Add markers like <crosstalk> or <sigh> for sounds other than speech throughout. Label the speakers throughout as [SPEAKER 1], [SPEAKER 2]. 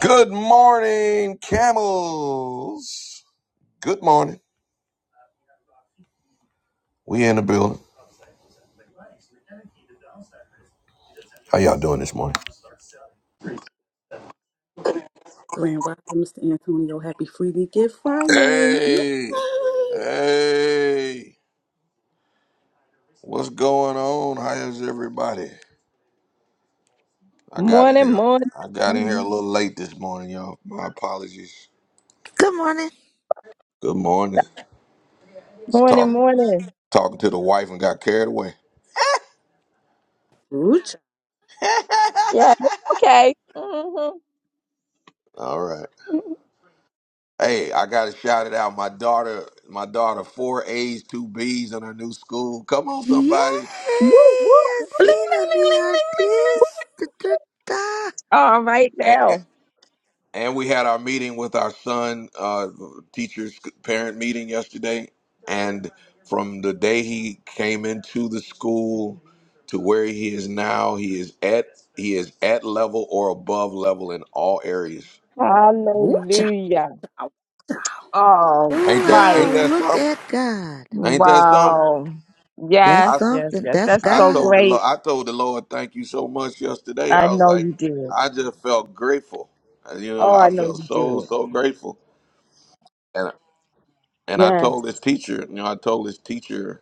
[SPEAKER 1] Good morning, camels. Good morning. We in the building. How y'all doing this morning?
[SPEAKER 2] Grand Rising, Mr. Antonio. Happy Freely Give Friday. Yeah.
[SPEAKER 1] Hey, hey, what's going on? How is everybody? I got in
[SPEAKER 3] Morning,
[SPEAKER 1] here.
[SPEAKER 3] morning,
[SPEAKER 1] I got in here a
[SPEAKER 3] morning,
[SPEAKER 1] little late this morning, y'all. My apologies.
[SPEAKER 4] Good morning.
[SPEAKER 1] Good morning. Just talk,
[SPEAKER 3] morning. morning.
[SPEAKER 1] talking to the wife and got carried away.
[SPEAKER 2] cha!
[SPEAKER 3] Yeah, it's okay. Mm-hmm.
[SPEAKER 1] All right. Hey, I gotta shout it out. My daughter, my daughter, four A's, two B's in her new school. Come on,
[SPEAKER 4] Yay!
[SPEAKER 1] somebody.
[SPEAKER 3] Woo, woo, woo.
[SPEAKER 2] Bling, ling,
[SPEAKER 4] Azina
[SPEAKER 2] ling,
[SPEAKER 4] the
[SPEAKER 2] ling, ling,
[SPEAKER 4] artist. Da, da, da.
[SPEAKER 3] All right
[SPEAKER 1] A-
[SPEAKER 3] now.
[SPEAKER 1] And we had our meeting with our son, uh, teachers, parent meeting yesterday. And from the day he came into the school to where he is now, he is at he is at level or above level in all areas.
[SPEAKER 2] ling, ling. Woocha.
[SPEAKER 3] Hallelujah.
[SPEAKER 2] Woocha.
[SPEAKER 3] All
[SPEAKER 4] Ooh,
[SPEAKER 1] Ain't that
[SPEAKER 4] ah,
[SPEAKER 1] ain't
[SPEAKER 3] right.
[SPEAKER 1] that
[SPEAKER 4] look
[SPEAKER 1] something?
[SPEAKER 4] at God.
[SPEAKER 1] Ain't that something?
[SPEAKER 3] Wow.
[SPEAKER 4] That's
[SPEAKER 3] Yes,
[SPEAKER 1] I
[SPEAKER 3] yes,
[SPEAKER 4] something.
[SPEAKER 3] yes.
[SPEAKER 4] That's
[SPEAKER 3] That's
[SPEAKER 1] I
[SPEAKER 3] so
[SPEAKER 4] God.
[SPEAKER 1] told the
[SPEAKER 3] great.
[SPEAKER 1] Lord I told the Lord thank you so much yesterday.
[SPEAKER 3] I
[SPEAKER 1] I was
[SPEAKER 3] know
[SPEAKER 1] like
[SPEAKER 3] you did.
[SPEAKER 1] I just felt grateful. And, You know,
[SPEAKER 3] Oh, I
[SPEAKER 1] I
[SPEAKER 3] know
[SPEAKER 1] felt
[SPEAKER 3] you
[SPEAKER 1] so
[SPEAKER 3] did.
[SPEAKER 1] so grateful. And and I
[SPEAKER 3] Yes,
[SPEAKER 1] told this teacher, you know, I told this teacher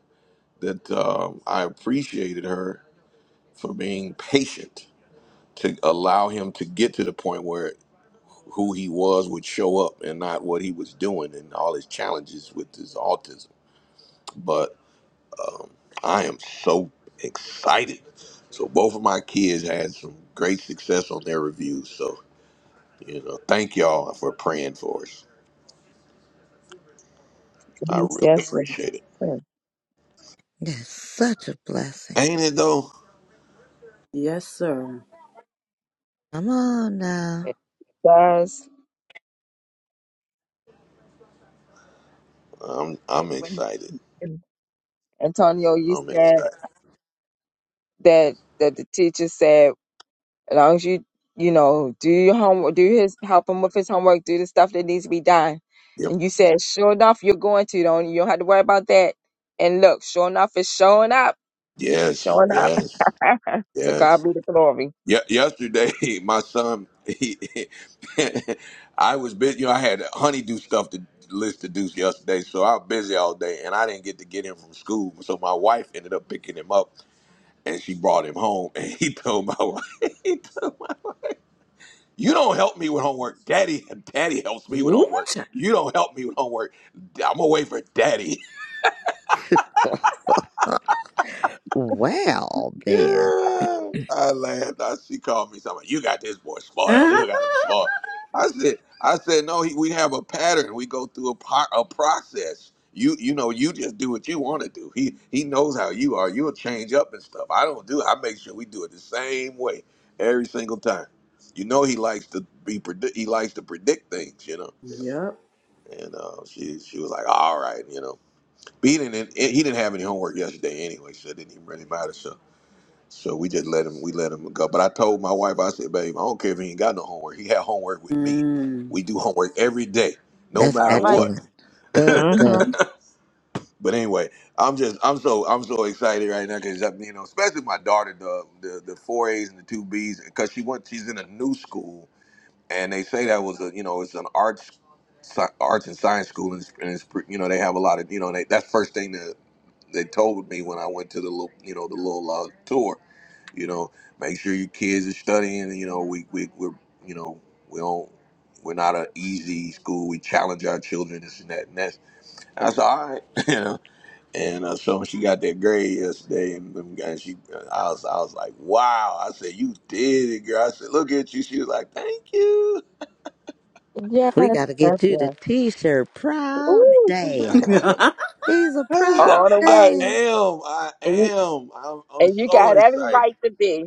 [SPEAKER 1] that um, I appreciated her for being patient to allow him to get to the point where who he was would show up and not what he was doing and all his challenges with his autism. But I am so excited. So both of my kids had some great success on their reviews. So, you know, thank y'all for praying for us. I
[SPEAKER 3] yes,
[SPEAKER 1] really
[SPEAKER 3] yes, yes.
[SPEAKER 1] appreciate it.
[SPEAKER 3] Yes.
[SPEAKER 4] That's such a blessing.
[SPEAKER 1] Ain't it though?
[SPEAKER 2] Yes, sir.
[SPEAKER 4] Come on now.
[SPEAKER 3] Yes.
[SPEAKER 1] I'm
[SPEAKER 3] And
[SPEAKER 1] I'm
[SPEAKER 3] When
[SPEAKER 1] excited.
[SPEAKER 3] Antonio, you
[SPEAKER 1] I'm
[SPEAKER 3] said
[SPEAKER 1] excited.
[SPEAKER 3] that that the teacher said. As long as you, you know, do your homework, do his help him with his homework, do the stuff that needs to be done.
[SPEAKER 1] Yep.
[SPEAKER 3] And you said, sure enough, you're going to. Don't you You don't have to worry about that. And look, sure enough, it's showing up,
[SPEAKER 1] Yes.
[SPEAKER 3] showing up.
[SPEAKER 1] Yes.
[SPEAKER 3] <laughs> to
[SPEAKER 1] Yes.
[SPEAKER 3] God be the glory.
[SPEAKER 1] Ye- yesterday, <laughs> my son, he, <laughs> I was busy. You know, I had honeydew stuff to list to do yesterday, so I was busy all day, and I didn't get to get him from school. So my wife ended up picking him up, and she brought him home. And he <laughs> told my wife, <laughs> he told, my- "You don't help me with homework, Daddy. <laughs> Daddy helps me with homework.
[SPEAKER 2] Woocha.
[SPEAKER 1] You don't help me with homework. I'm gonna wait for Daddy."
[SPEAKER 4] Well, then.
[SPEAKER 1] Yeah, I laughed. I, she called me something. You got this boy
[SPEAKER 2] <laughs>
[SPEAKER 1] spoiled. You got him spoiled. I said, I said, no. He, we have a pattern. We go through a, po- a process. You, you know, you just do what you want to do. He, he knows how you are. You'll change up and stuff. I don't do. I make sure we do it the same way every single time. You know, he likes to be predict. He likes to predict things. You know.
[SPEAKER 2] yep.
[SPEAKER 1] And uh, she, she was like, all right, you know. But he didn't, he didn't have any homework yesterday anyway, so it didn't even really matter. So so we just let him we let him go. But I told my wife, I said, babe, I don't care if he ain't got no homework. He had homework with me.
[SPEAKER 2] Mm.
[SPEAKER 1] We do homework every day, no
[SPEAKER 4] That's
[SPEAKER 1] matter
[SPEAKER 3] All right.
[SPEAKER 1] what.
[SPEAKER 4] excellent. Good,
[SPEAKER 3] Mm-hmm.
[SPEAKER 4] good.
[SPEAKER 1] But anyway, I'm just I'm so I'm so excited right now because you know, especially my daughter, the the the four A's and the two B's, because she went she's in a new school, and they say that was a you know it's an arts sci- arts and science school, and it's, and it's pre- you know they have a lot of you know they, that's first thing that they told me when I went to the little you know the little uh, tour you know make sure your kids are studying you know we, we we're you know we don't we're not an easy school we challenge our children this and that and that's that's all right <laughs> you know and uh, so she got that grade yesterday and, and she uh, I was I was like wow I said you did it girl I said look at you she was like thank you
[SPEAKER 3] Yes.
[SPEAKER 4] We got to
[SPEAKER 3] Yes.
[SPEAKER 4] get you the
[SPEAKER 3] Yes.
[SPEAKER 4] t shirt. Proud
[SPEAKER 3] Ooh,
[SPEAKER 4] Dad.
[SPEAKER 2] <laughs>
[SPEAKER 4] He's a
[SPEAKER 1] <laughs>
[SPEAKER 4] proud
[SPEAKER 3] all the
[SPEAKER 1] I
[SPEAKER 3] way.
[SPEAKER 4] dad.
[SPEAKER 1] am I
[SPEAKER 3] And you
[SPEAKER 1] am I'm, I'm
[SPEAKER 3] and you
[SPEAKER 1] so
[SPEAKER 3] got every
[SPEAKER 1] excited
[SPEAKER 3] right to be.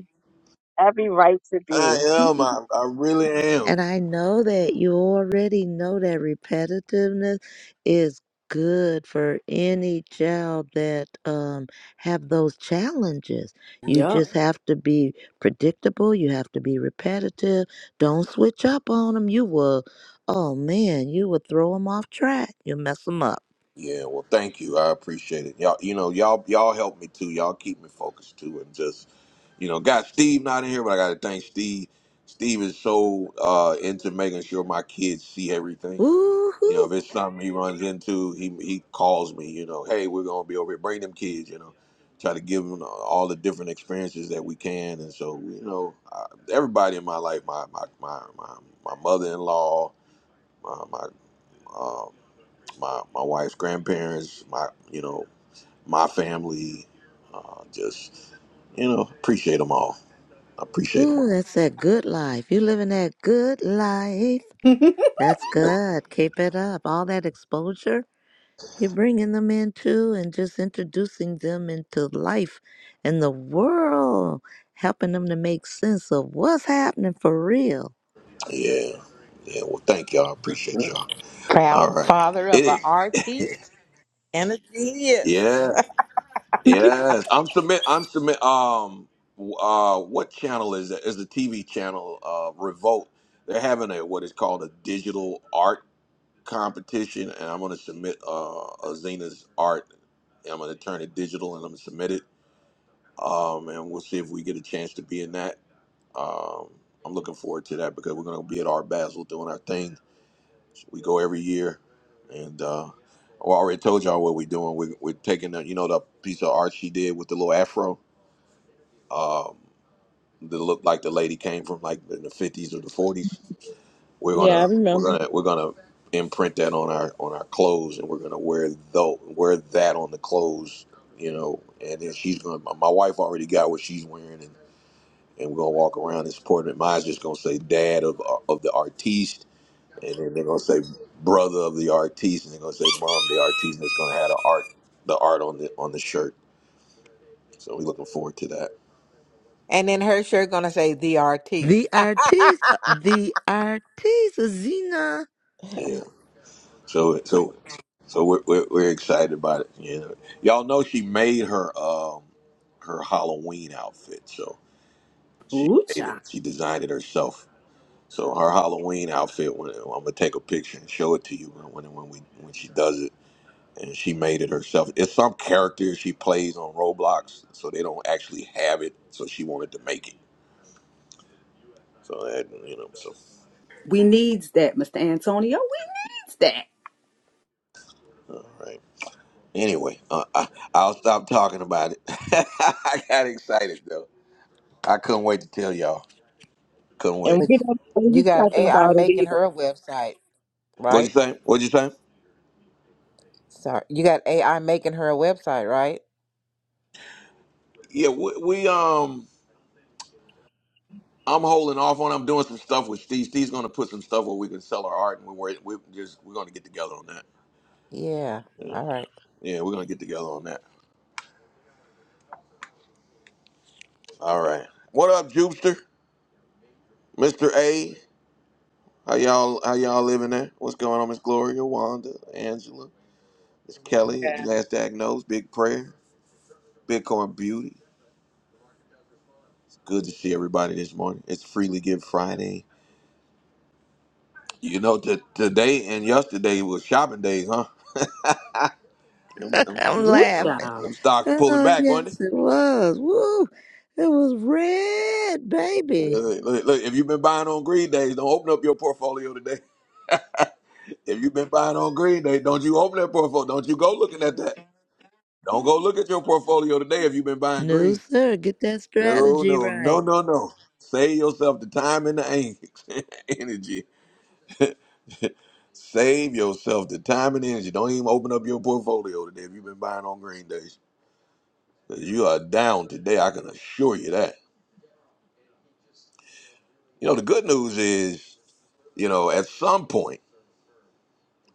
[SPEAKER 3] Every right to be.
[SPEAKER 1] I am I, I really am
[SPEAKER 4] And I know that you already know that repetitiveness is good for any child that um, have those challenges. You
[SPEAKER 2] yep.
[SPEAKER 4] just have to be predictable. You have to be repetitive. Don't switch up on them. You will, oh man, you will throw them off track. You'll mess them up.
[SPEAKER 1] Yeah, well, thank you. I appreciate it. Y'all, you know, y'all, y'all help me too. Y'all keep me focused too, and just you know, got Steve not in here, but I got to thank Steve. Steve is so uh, into making sure my kids see everything.
[SPEAKER 4] Ooh,
[SPEAKER 1] You know,
[SPEAKER 4] hoo,
[SPEAKER 1] if it's something he runs into, he he calls me. You know, hey, we're gonna be over here. Bring them kids. You know, try to give them all the different experiences that we can. And so, you know, I, everybody in my life, my my my my, my mother in law, my my. um, my my wife's grandparents, my you know my family, uh, just you know appreciate them all. I appreciate them
[SPEAKER 4] ooh,
[SPEAKER 1] all.
[SPEAKER 4] that's that good life. You living that good life. That's good. Keep it up. All that exposure You're bringing them in too and just introducing them into life and the world, helping them to make sense of what's happening for real.
[SPEAKER 1] Yeah, yeah. Well, thank y'all. I appreciate y'all. All
[SPEAKER 5] proud
[SPEAKER 1] right.
[SPEAKER 5] father
[SPEAKER 1] It
[SPEAKER 5] of an
[SPEAKER 1] is.
[SPEAKER 5] artiste and a genius.
[SPEAKER 1] Yeah.
[SPEAKER 2] <laughs>
[SPEAKER 1] Yes. I'm submit. I'm submit. Um. Uh. What channel is it? Is the TV channel? Uh. Revolt. They're having a what is called a digital art competition, and I'm going to submit uh, a Zena's art. I'm going to turn it digital, and I'm going to submit it um, and we'll see if we get a chance to be in that. Um, I'm looking forward to that because we're going to be at our Basel doing our thing. We go every year, and uh, I already told y'all what we're doing. We're, we're taking the, you know the piece of art she did with the little afro um, that looked like the lady came from like in the 50s or the 40s. We're
[SPEAKER 3] Yeah,
[SPEAKER 1] gonna
[SPEAKER 3] I
[SPEAKER 1] we're
[SPEAKER 3] remember.
[SPEAKER 1] gonna we're gonna imprint that on our on our clothes, and we're gonna wear though wear that on the clothes you know, and then she's gonna. My my wife already got what she's wearing, and and we're gonna walk around this Portman. Mine's just gonna say dad of of the artiste, and then they're gonna say brother of the artiste, and they're gonna say mom of the artiste, and it's gonna have the art the art on the on the shirt. So we're looking forward to that.
[SPEAKER 5] And then her shirt gonna say the artiste.
[SPEAKER 4] The artis, the artis, Zena.
[SPEAKER 5] <laughs>
[SPEAKER 1] Yeah.
[SPEAKER 5] but
[SPEAKER 1] So so so we're we're, we're excited about it. You know, y'all know she made her um her Halloween outfit. So she made
[SPEAKER 2] Woocha.
[SPEAKER 1] it. She designed it herself. So her Halloween outfit. When, I'm gonna take a picture and show it to you when when, when we when she does it and she made it herself. It's some character she plays on Roblox, so they don't actually have it. So she wanted to make it. So that you know. So
[SPEAKER 2] We needs that, Mr. Antonio. We needs that.
[SPEAKER 1] all right. Anyway, uh, I, I'll stop talking about it. <laughs> I got excited though. I couldn't wait to tell y'all. Couldn't
[SPEAKER 3] And
[SPEAKER 1] wait.
[SPEAKER 3] we don't know what we
[SPEAKER 5] you got
[SPEAKER 3] talking
[SPEAKER 5] AI
[SPEAKER 3] about it
[SPEAKER 5] making
[SPEAKER 3] either.
[SPEAKER 5] her a website,
[SPEAKER 1] What'd
[SPEAKER 5] right?
[SPEAKER 1] you say? What'd you say?
[SPEAKER 5] Sorry, you got AI making her a website, right?
[SPEAKER 1] Yeah, we, we um. I'm holding off on. I'm doing some stuff with Steve. Steve's going to put some stuff where we can sell our art, and we're we're just we're going to get together on that.
[SPEAKER 5] Yeah.
[SPEAKER 1] Yeah,
[SPEAKER 5] All right.
[SPEAKER 1] yeah, we're going to get together on that. All right. What up, Jupster? Mr. A, how y'all how y'all living there? What's going on, Miss Gloria, Wanda, Angela, Miss Kelly,
[SPEAKER 6] Yeah.
[SPEAKER 1] Last Diagnosed, Big Prayer, Bitcoin Beauty. It's good to see everybody this morning. It's Freely Give Friday. You know, t- today and yesterday was shopping days, huh? Them,
[SPEAKER 4] <laughs>
[SPEAKER 1] them-
[SPEAKER 4] I'm
[SPEAKER 2] Woo
[SPEAKER 1] them-
[SPEAKER 4] laughing.
[SPEAKER 2] cha!
[SPEAKER 1] them stocks pulling
[SPEAKER 4] Oh,
[SPEAKER 1] back, wasn't it?
[SPEAKER 4] yes, it was. Woo! It was red, baby.
[SPEAKER 1] Look, look, look, if you've been buying on green days, don't open up your portfolio today. <laughs> if you've been buying on green day, don't you open that portfolio? Don't you go looking at that? Don't go look at your portfolio today if you've been buying
[SPEAKER 4] No,
[SPEAKER 1] green.
[SPEAKER 4] sir. Get that
[SPEAKER 1] No,
[SPEAKER 4] strategy
[SPEAKER 1] no, no,
[SPEAKER 4] right.
[SPEAKER 1] no, no. Save yourself the time and the en- <laughs> energy. Save yourself the time and energy. Don't even open up your portfolio today if you've been buying on green days. 'Cause You are down today. I can assure you that. You know, the good news is, you know, at some point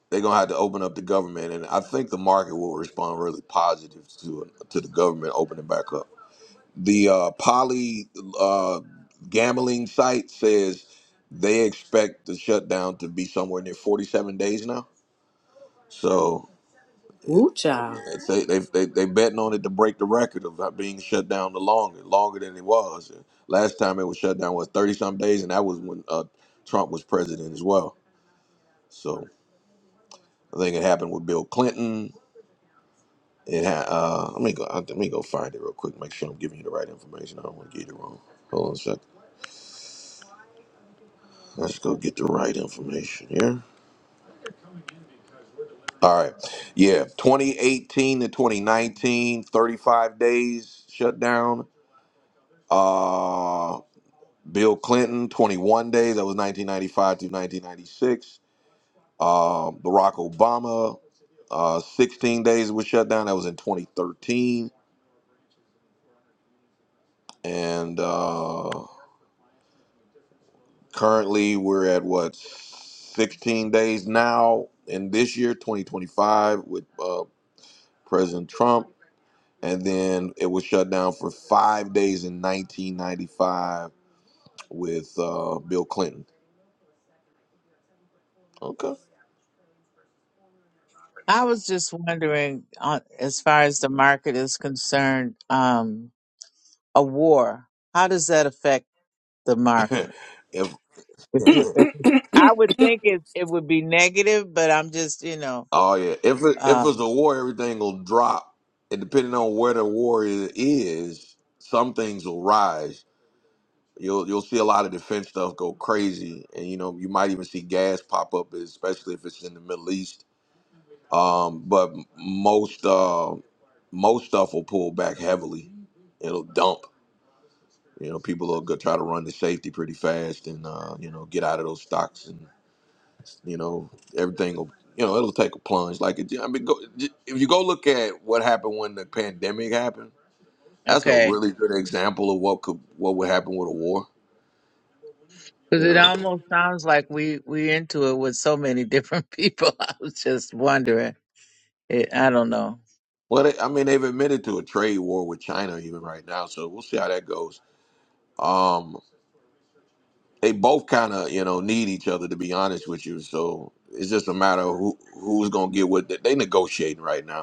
[SPEAKER 1] they're gonna have to open up the government, and I think the market will respond really positive to to the government opening back up. the uh, poly uh, gambling site says they expect the shutdown to be somewhere near 47 days now. So
[SPEAKER 2] Woocha.
[SPEAKER 1] it's- they they they they betting on it to break the record of not being shut down the longer, longer than it was. And last time it was shut down was 30 some days, and that was when uh, Trump was president as well. So I think it happened with Bill Clinton. It ha- uh, let me go. Let me go find it real quick. Make sure I'm giving you the right information. I don't want to get it wrong. Hold on a second. Let's go get the right information here. All right. Yeah. 2018 to 2019, 35 days shutdown. Uh, Bill Clinton, 21 days. That was 1995 to 1996. Uh, Barack Obama, uh, 16 days was shut down. That was in 2013. And uh, currently we're at what, 16 days now in this year, 2025, with uh, President Trump. and then it was shut down for five days in 1995 with uh, Bill Clinton. Okay.
[SPEAKER 6] I was just wondering, uh, as far as the market is concerned, um, a war, how does that affect the
[SPEAKER 1] <laughs>
[SPEAKER 6] market?
[SPEAKER 1] if
[SPEAKER 6] If we- if we- I would think it, it would be negative, but I'm just, you know,
[SPEAKER 1] oh yeah, if it, if it's
[SPEAKER 6] um,
[SPEAKER 1] a war, everything will drop, and depending on where the war i- is, some things will rise. You'll you'll see a lot of defense stuff go crazy, and you know you might even see gas pop up, especially if it's in the Middle East. Um, but most uh, most stuff will pull back heavily. It'll dump You know, people will go try to run the safety pretty fast and uh, you know get out of those stocks, and you know everything will you know it'll take a plunge. Like it, I mean, go, if you go look at what happened when the pandemic happened, that's a
[SPEAKER 6] okay.
[SPEAKER 1] really good example of what could what would happen with a war.
[SPEAKER 6] Because
[SPEAKER 1] You
[SPEAKER 6] it
[SPEAKER 1] know,
[SPEAKER 6] almost sounds like we we into it with so many different <laughs> people. I was just wondering. It, I don't know.
[SPEAKER 1] well, they, I mean, they've admitted to a trade war with China even right now, so we'll see how that goes. Um, they both kind of you know need each other to be honest with you, so it's just a matter of who who's gonna get what they, they negotiating right now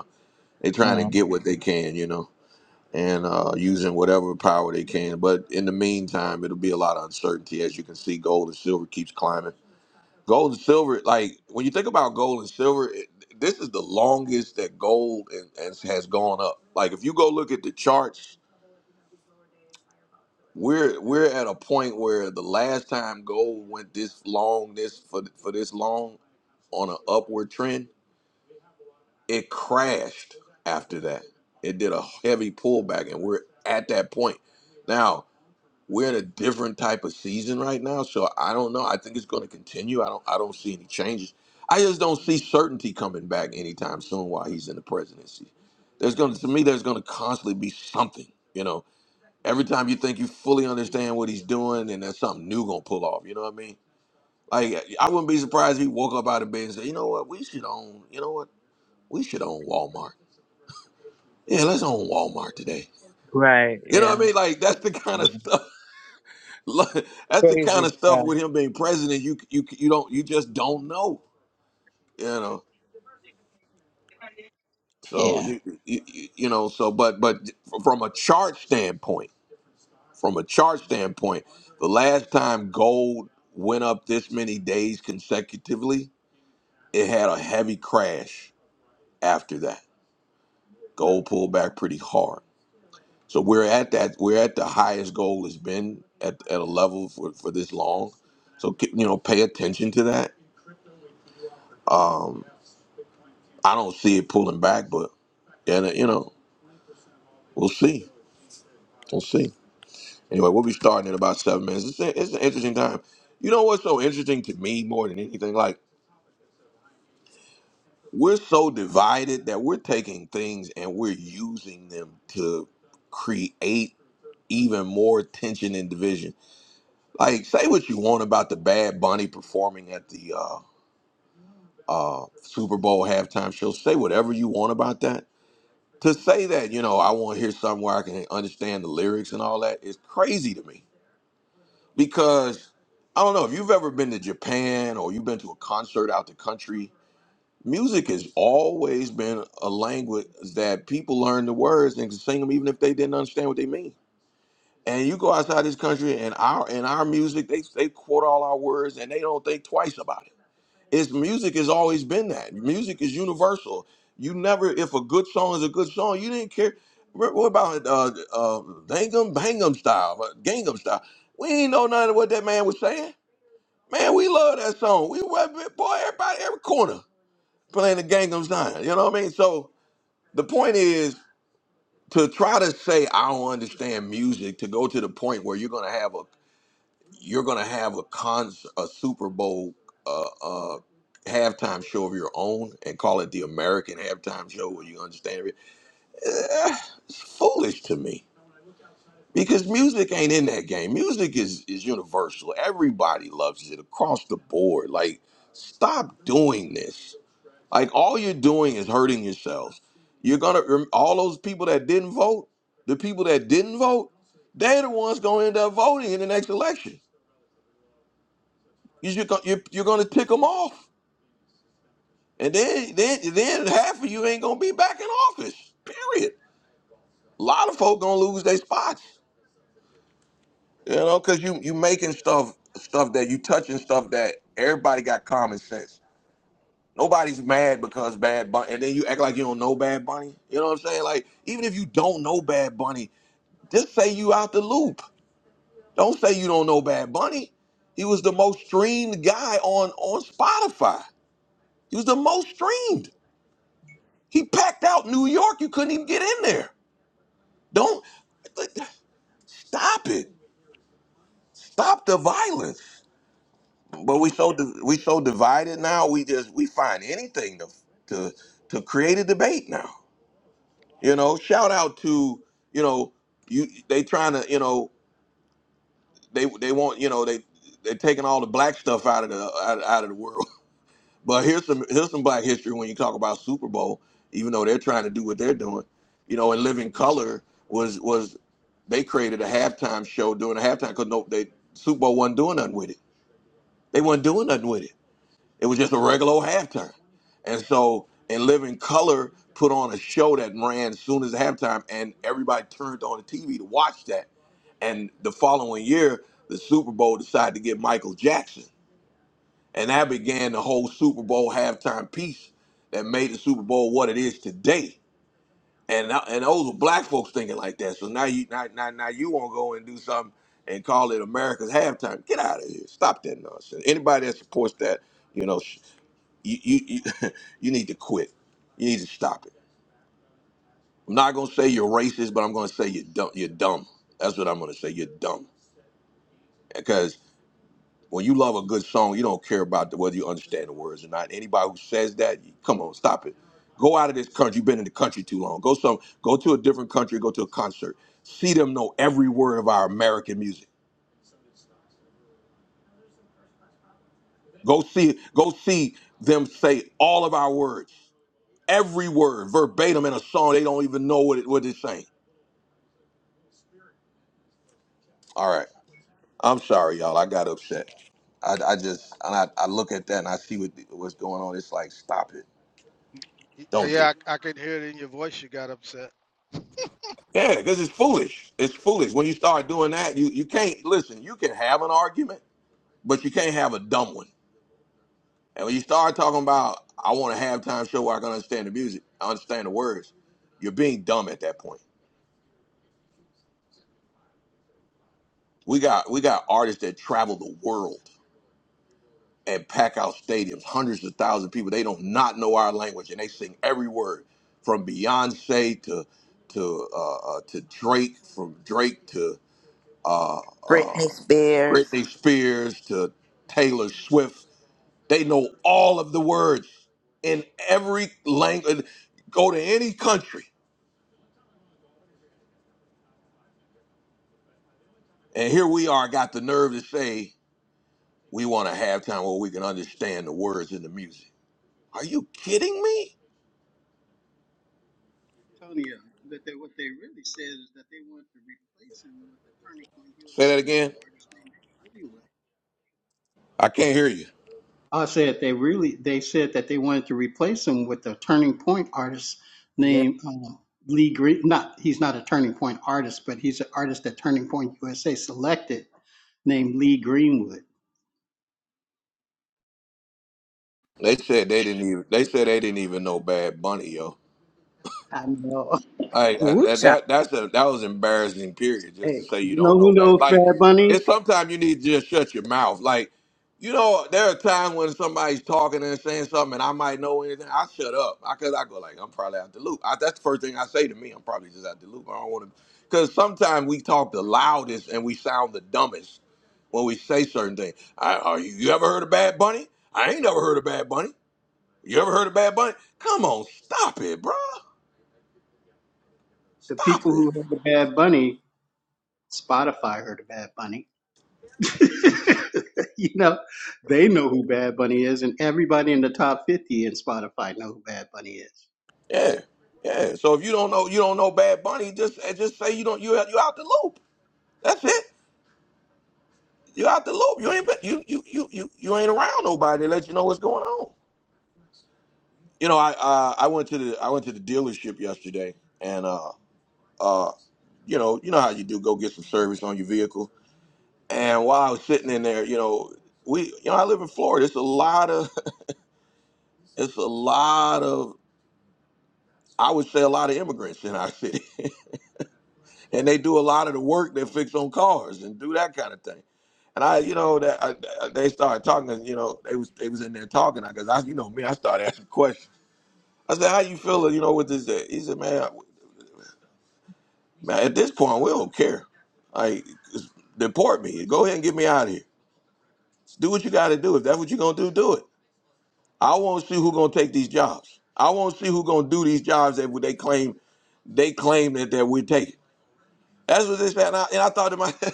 [SPEAKER 1] they trying to
[SPEAKER 6] Uh,
[SPEAKER 1] get what they can, you know, and uh, using whatever power they can. But in the meantime, it'll be a lot of uncertainty. As you can see, gold and silver keeps climbing. Gold and silver, like when you think about gold and silver, it, this is the longest that gold and, and has gone up. Like if you go look at the charts, we're we're at a point where the last time gold went this long, this for for this long on an upward trend It crashed after that. It did a heavy pullback, and we're at that point. Now, we're in a different type of season right now, so I don't know. I think it's going to continue. I don't I don't see any changes. I just don't see certainty coming back anytime soon while he's in the presidency. There's going to to me there's going to constantly be something, you know. Every time you think you fully understand what he's doing, and there's something new going to pull off, you know what I mean? Like I wouldn't be surprised if he woke up out of bed and said, "You know what? We should own. You know what? We should own Walmart." Yeah, let's own Walmart today.
[SPEAKER 6] right.
[SPEAKER 1] You know what I
[SPEAKER 6] Yeah.
[SPEAKER 1] mean? Like that's the kind of stuff. <laughs> like, That's the kind
[SPEAKER 6] Crazy
[SPEAKER 1] of stuff
[SPEAKER 6] stuff.
[SPEAKER 1] with him being president. You you you don't you just don't know. You know. So
[SPEAKER 6] Yeah.
[SPEAKER 1] you you, you you know. So but but from a chart standpoint, from a chart standpoint, the last time gold went up this many days consecutively, it had a heavy crash after that. Gold pulled back pretty hard So we're at that. We're at the highest goal has been at, at a level for, for this long. So ke- you know, pay attention to that. Um, I don't see it pulling back, but and uh, you know, we'll see. We'll see. Anyway, we'll be starting in about seven minutes. It's, a- it's an interesting time. You know what's so interesting to me more than anything? Like we're so divided that we're taking things and we're using them to create even more tension and division. Like say what you want about the Bad Bunny performing at the uh, uh, Super Bowl halftime show. Say whatever you want about that. To say that, you know, I want to hear something where I can understand the lyrics and all that is crazy to me because I don't know if you've ever been to Japan or you've been to a concert out the country. Music has always been a language that people learn the words and can sing them even if they didn't understand what they mean. And you go outside this country and our and our music, they they quote all our words and they don't think twice about it it's music has always been that. Music is universal. You never, if a good song is a good song, you didn't care. What what about uh, uh, Gangnam Bangnam style, uh, Gangnam style? We ain't know none of what that man was saying. Man, we love that song. We wa- boy, everybody, every corner playing the Gangnam style. You know what I mean? So the point is to try to say I don't understand music to go to the point where you're gonna have you're going to have a con a Super Bowl uh, uh, halftime show of your own and call it the American halftime show. Where you understand it? Eh, it's foolish to me because music ain't in that game. Music is is universal. Everybody loves it across the board. Like, stop doing this. Like, all you're doing is hurting yourselves. You're gonna all those people that didn't vote, the people that didn't vote, they're the ones gonna end up voting in the next election. You just go- you you're gonna tick them off, and then then then half of you ain't gonna be back in office. Period. A lot of folk gonna lose their spots, you know, because you you making stuff stuff that you touching stuff that everybody got common sense. Nobody's mad because Bad Bunny, and then you act like you don't know Bad Bunny. You know what I'm saying? Like even if you don't know Bad Bunny, just say you out the loop. Don't say you don't know Bad Bunny. He was the most streamed guy on on Spotify. He was the most streamed. He packed out New York. You couldn't even get in there. Don't stop it. Stop the violence. But we so di- we so divided now. We just we find anything to to to create a debate now. You know, shout out to you know you they trying to you know they they want you know they they're taking all the black stuff out of the out, out of the world. <laughs> But here's some here's some black history when you talk about Super Bowl. Even though they're trying to do what they're doing, you know, and living color was was. They created a halftime show during the halftime because no, they Super Bowl wasn't doing nothing with it. They wasn't doing nothing with it. It was just a regular old halftime. And so, and Living Color put on a show that ran as soon as halftime, and everybody turned on the TV to watch that. And the following year, the Super Bowl decided to get Michael Jackson. And that began the whole Super Bowl halftime piece that made the Super Bowl what it is today and now- and those were black folks thinking like that. So now you now now, now you want to go and do something and call it America's halftime. Get out of here! Stop that nonsense. Anybody that supports that, you know, sh- you you you, <laughs> you need to quit. You need to stop it. I'm not gonna say you're racist, but I'm gonna say you're dumb. You're dumb. That's what I'm gonna say. You're dumb When you love a good song, you don't care about the, whether you understand the words or not. Anybody who says that, you- come on, stop it. Go out of this country. You've been in the country too long. Go some. Go to a different country. Go to a concert. See them know every word of our American music. Go see. Go see them say all of our words, every word verbatim in a song. They don't even know what it, what it's saying. All right. I'm sorry, y'all. I got upset. I, I just and I, I look at that and I see what what's going on. It's like stop it.
[SPEAKER 7] Y-
[SPEAKER 1] Don't do. It.
[SPEAKER 7] Yeah, I, I could hear it in your voice. You got upset.
[SPEAKER 1] Yeah, because it's foolish. It's foolish. When you start doing that, you, you can't listen, you can have an argument, but you can't have a dumb one. And when you start talking about I want a halftime show where I can understand the music, I understand the words, you're being dumb at that point. We got we got artists that travel the world and pack out stadiums, hundreds of thousands of people. They don't not know our language and they sing every word from Beyonce to to uh, uh, to Drake, from Drake to uh, uh,
[SPEAKER 4] Britney Spears.
[SPEAKER 1] Britney Spears to Taylor Swift. They know all of the words in every language. Go to any country. And here we are, got the nerve to say we want a halftime where we can understand the words in the music. Are you kidding me?
[SPEAKER 8] Tonya, that they, what they really said is that they wanted to replace him with a Turning Point
[SPEAKER 1] Say that
[SPEAKER 8] USA
[SPEAKER 1] again.
[SPEAKER 8] artist named Greenwood.
[SPEAKER 1] I can't hear you.
[SPEAKER 8] I said they really, they said that they wanted to replace him with a Turning Point artist
[SPEAKER 2] Woocha. Yeah.
[SPEAKER 8] named um, Lee Green. Not, he's not a Turning Point artist, but he's an artist that Turning Point USA selected named Lee Greenwood.
[SPEAKER 1] They said they didn't even they said they didn't even know Bad Bunny, yo.
[SPEAKER 8] I know. <laughs>
[SPEAKER 1] I, I that
[SPEAKER 2] cha!
[SPEAKER 1] that- that's a that was embarrassing. Period. Just to
[SPEAKER 8] Hey,
[SPEAKER 1] say you
[SPEAKER 8] you
[SPEAKER 1] don't
[SPEAKER 8] know
[SPEAKER 1] know
[SPEAKER 8] who
[SPEAKER 1] back.
[SPEAKER 8] knows
[SPEAKER 1] Like
[SPEAKER 8] Bad
[SPEAKER 1] it's
[SPEAKER 8] Bunny?
[SPEAKER 1] sometimes you need to just shut your mouth. Like you know, there are times when somebody's talking and saying something, and I might know anything. I shut up. I cause I go like I'm probably out the loop. I, that's the first thing I say to me. I'm probably just out the loop. I don't want to. Because sometimes we talk the loudest and we sound the dumbest when we say certain things. I, are you, you ever heard of Bad Bunny? I ain't never heard of Bad Bunny. You ever heard of Bad Bunny? Come on, stop it, bro.
[SPEAKER 8] The
[SPEAKER 1] Stop
[SPEAKER 8] people
[SPEAKER 1] it.
[SPEAKER 8] who heard the Bad Bunny, Spotify heard the Bad Bunny. <laughs> you know, they know who Bad Bunny is, and everybody in the top 50 in Spotify know who Bad Bunny is.
[SPEAKER 1] Yeah, yeah. So if you don't know, you don't know Bad Bunny. Just eh, just say you don't. You you out the loop. That's it. You out the loop. You ain't been- you you you you you ain't around nobody to let you know what's going on. You know, I uh, I went to the I went to the dealership yesterday, and uh uh, you know you know how you do go get some service on your vehicle. And while I was sitting in there, you know we you know I live in Florida. It's a lot of <laughs> it's a lot of I would say a lot of immigrants in our city, <laughs> and they do a lot of the work that fix on cars and do that kind of thing. And I, you know, that I, they started talking. You know, they was they was in there talking. I guess I, you know, me, I started asking questions. I said, "How you feeling? You know, with this?" uh, He said, "Man, I- man, at this point, we don't care. Like, it's- deport me. Go ahead and get me out of here. Do what you got to do. If that's what you're gonna do, do it. I want to see who's gonna take these jobs. I want to see who's gonna do these jobs that they claim they claim that that we're taking. That's what they said. And I, and I thought to myself." <laughs>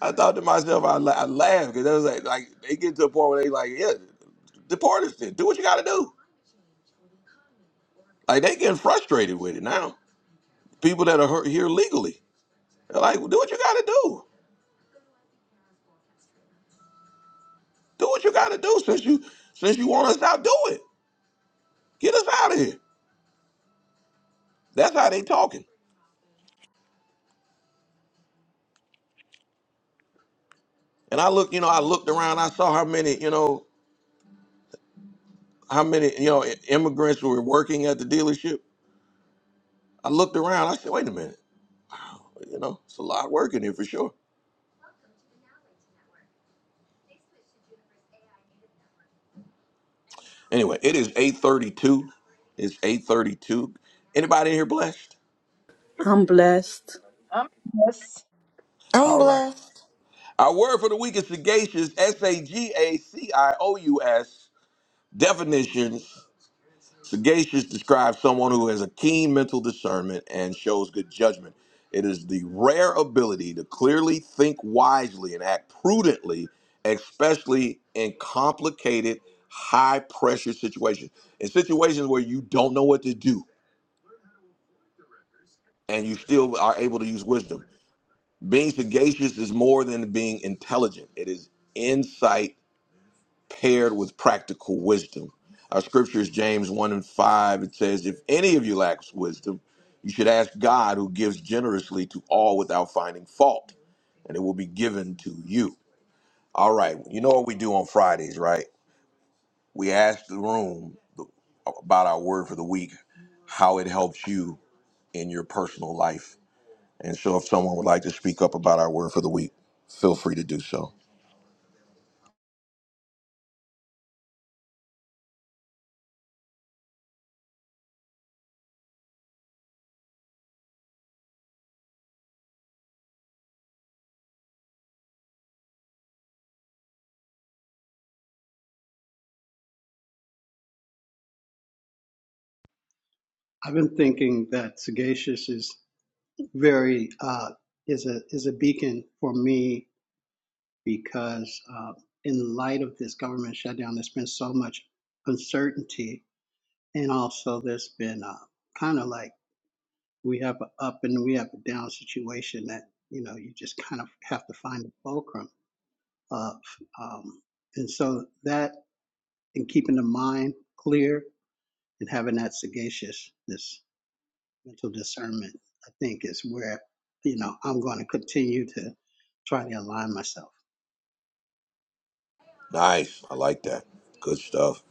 [SPEAKER 1] I thought to myself, I, la- I laughed because I was like, like they get to a point where they like, yeah, deport us then. Do what you got to do. Like they getting frustrated with it now. People that are hurt here legally, they're like, do what you got to do. Do what you got to do since you since you want us out. Do it. Get us out of here. That's how they talking. And I looked, you know, I looked around. I saw how many, you know, how many, you know, immigrants were working at the dealership. I looked around. I said, wait a minute, you know, it's a lot working here for sure. Anyway, it is 832. It's 832. Anybody in here blessed?
[SPEAKER 2] I'm blessed.
[SPEAKER 3] I'm yes.
[SPEAKER 4] I'm
[SPEAKER 1] All right.
[SPEAKER 4] blessed.
[SPEAKER 1] Our word for the week is sagacious, S-A-G-A-C-I-O-U-S. Definitions. Sagacious describes someone who has a keen mental discernment and shows good judgment. It is the rare ability to clearly think wisely and act prudently, especially in complicated, high pressure situations. In situations where you don't know what to do and you still are able to use wisdom. Being sagacious is more than being intelligent, it is insight paired with practical wisdom. Our scripture is James 1 and 5. It says, If any of you lacks wisdom, you should ask God, who gives generously to all without finding fault, and it will be given to you. All right, you know what we do on Fridays, right? We ask the room about our word for the week, how it helps you in your personal life. And so, if someone would like to speak up about our word for the week, feel free to do so.
[SPEAKER 8] I've been thinking that Sagacious is very uh, is a is a beacon for me because uh, in light of this government shutdown, there's been so much uncertainty, and also there's been uh, kind of like we have a up and we have a down situation that you know you just kind of have to find the fulcrum of. Um, and so that and keeping the mind clear and having that sagaciousness, mental discernment, I think is where, you know, I'm going to continue to try to align myself.
[SPEAKER 1] Nice. I like that. Good stuff.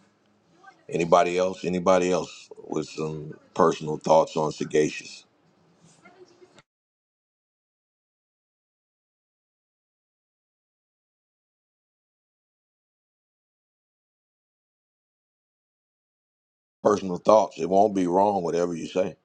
[SPEAKER 1] Anybody else? Anybody else with some personal thoughts on sagacious? Personal thoughts. It won't be wrong, whatever you say.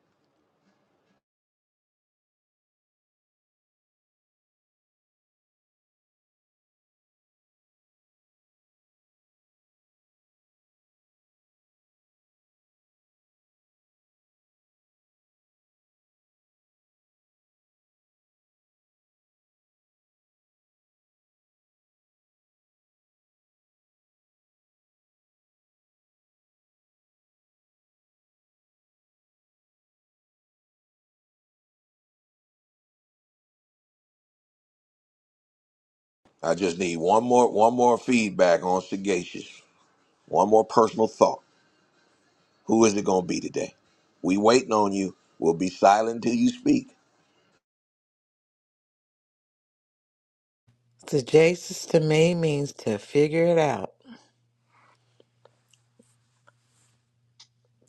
[SPEAKER 1] I just need one more one more feedback on sagacious. One more personal thought. Who is it gonna be today? We waiting on you. We'll be silent till you speak.
[SPEAKER 5] Suggestions to me means to figure it out.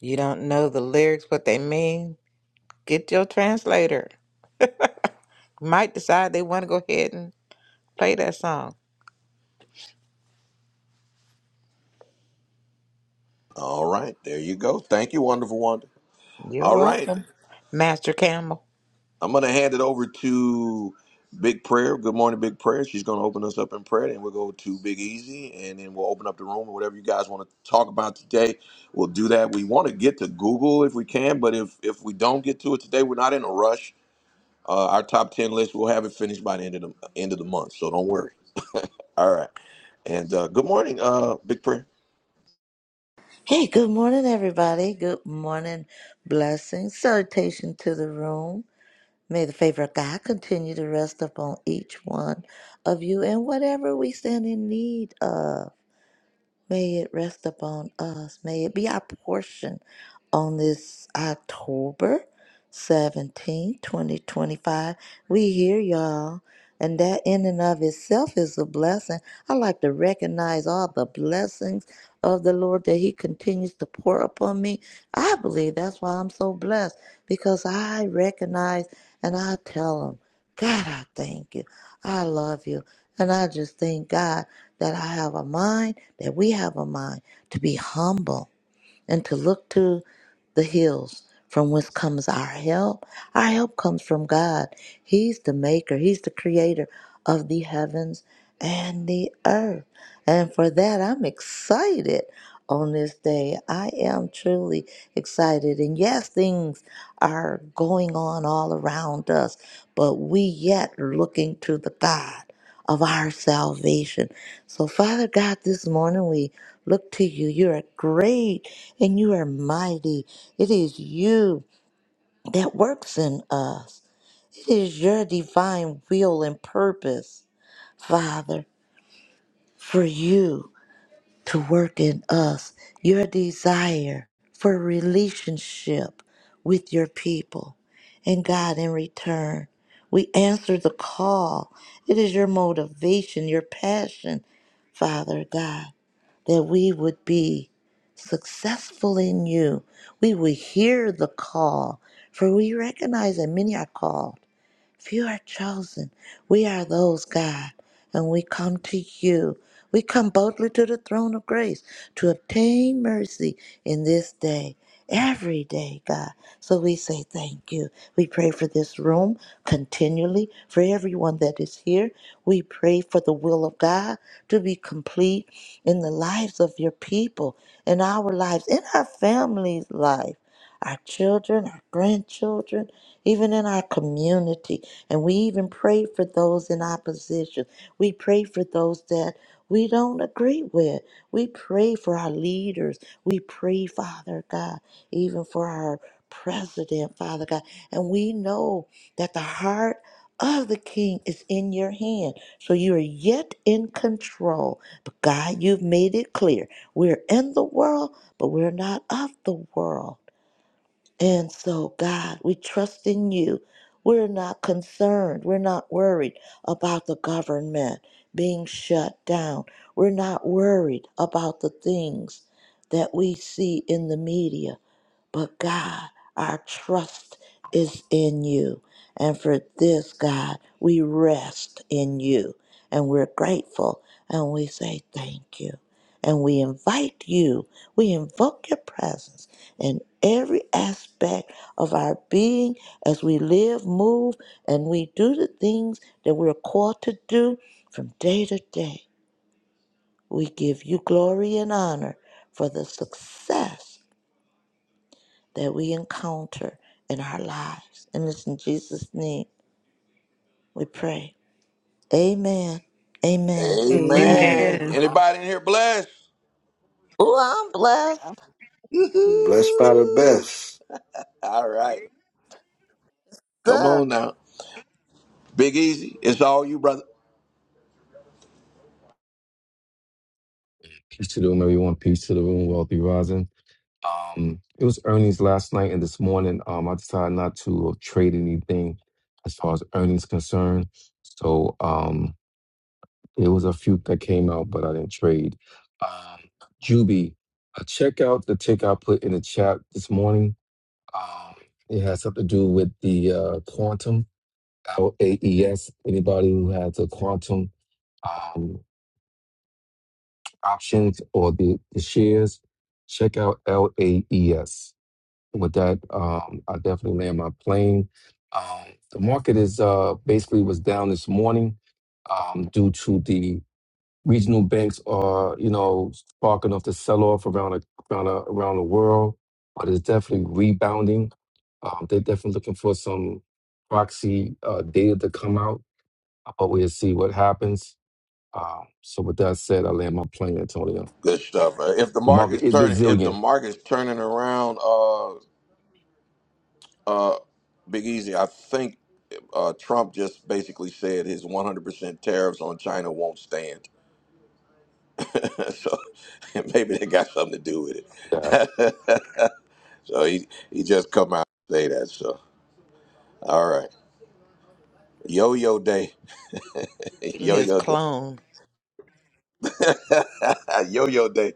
[SPEAKER 5] You don't know the lyrics, what they mean. Get your translator. Might decide they want to go ahead and play that song.
[SPEAKER 1] All right, there you go. Thank you, wonderful wonder.
[SPEAKER 5] You're
[SPEAKER 1] All right.
[SPEAKER 5] welcome, Master Camel.
[SPEAKER 1] I'm going to hand it over to Big Prayer. Good morning, Big Prayer. She's going to open us up in prayer, and we'll go to Big Easy, and then we'll open up the room or whatever you guys want to talk about today. We'll do that. We want to get to Google if we can, but if if we don't get to it today, we're not in a rush. Uh, our top ten list, we'll have it finished by the end of the end of the month, so don't worry. All right. And uh, good morning, uh, Big Prayer.
[SPEAKER 4] Hey, good morning, everybody. Good morning. Blessings. Salutation to the room. May the favor of God continue to rest upon each one of you and whatever we stand in need of. May it rest upon us. May it be our portion on this October seventeenth, 2025. We here, y'all. And that in and of itself is a blessing. I like to recognize all the blessings of the Lord that He continues to pour upon me. I believe that's why I'm so blessed because I recognize and I tell Him. God, I thank you. I love you. And I just thank God that I have a mind, that we have a mind to be humble and to look to the hills from whence comes our help. Our help comes from God. He's the maker, He's the creator of the heavens and the earth. And for that, I'm excited on this day. I am truly excited. And yes, things are going on all around us, but we yet are looking to the God of our salvation. So, Father God, this morning we look to you. You are great and you are mighty. It is you that works in us, it is your divine will and purpose, Father, for you to work in us your desire for relationship with your people. And God, in return, we answer the call. It is your motivation, your passion, Father God, that we would be successful in you. We would hear the call, for we recognize that many are called Few are chosen. We are those, God, and we come to you. We come boldly to the throne of grace to obtain mercy in this day, every day, God. So we say thank you. We pray for this room continually, for everyone that is here. We pray for the will of God to be complete in the lives of your people, in our lives, in our families' lives our children, our grandchildren, even in our community. And we even pray for those in opposition. We pray for those that we don't agree with. We pray for our leaders. We pray, Father God, even for our president, Father God. And we know that the heart of the king is in your hand. So you are yet in control. But God, you've made it clear. We're in the world, but we're not of the world. And so, God, we trust in you. We're not concerned. We're not worried about the government being shut down. We're not worried about the things that we see in the media. But God, our trust is in you. And for this, God, we rest in you and we're grateful and we say thank you. And we invite you, we invoke your presence in every aspect of our being as we live, move, and we do the things that we're called to do from day to day. We give you glory and honor for the success that we encounter in our lives. And it's in Jesus' name we pray. Amen. Amen.
[SPEAKER 3] Amen.
[SPEAKER 2] Amen.
[SPEAKER 1] Amen.
[SPEAKER 9] Amen.
[SPEAKER 1] Anybody in here blessed?
[SPEAKER 4] Oh, I'm blessed.
[SPEAKER 10] Blessed by the
[SPEAKER 1] Woo-hoo.
[SPEAKER 10] best.
[SPEAKER 1] All right. Come
[SPEAKER 4] So,
[SPEAKER 1] on now. Big Easy, it's all you, brother.
[SPEAKER 11] Peace to the room, everyone. Peace to the room, Wealthy Rising. Um, it was earnings last night and this morning. Um, I decided not to uh, trade anything as far as earnings concerned. So um, there was a few that came out, but I didn't trade. Um, Juby, uh, check out the tick I put in the chat this morning. Um, it has something to do with the uh, quantum L A E S. Anybody who has a quantum. um, options or the, the shares, check out LAES. With that, um, I definitely land my plane. Um, the market is uh, basically was down this morning um, due to the regional banks are you know sparking off the sell off around the, around the, around the world, but it's definitely rebounding. Um, they're definitely looking for some proxy uh, data to come out, but we'll see what happens. Um, so with that said, I land my plane, Antonio.
[SPEAKER 1] Good stuff. man. If the
[SPEAKER 11] The market
[SPEAKER 1] market's
[SPEAKER 11] is
[SPEAKER 1] turning, if the
[SPEAKER 11] resilient.
[SPEAKER 1] market's turning around, uh, uh, Big Easy, I think uh, Trump just basically said his 100% tariffs on China won't stand. <laughs> so <laughs> maybe they got something to do with
[SPEAKER 11] Yeah.
[SPEAKER 1] it. <laughs> so he he just come out and say that. So all right, yo yo day, <laughs>
[SPEAKER 5] And
[SPEAKER 1] yo
[SPEAKER 5] his
[SPEAKER 1] yo day,
[SPEAKER 5] clone.
[SPEAKER 1] <laughs> yo yo day.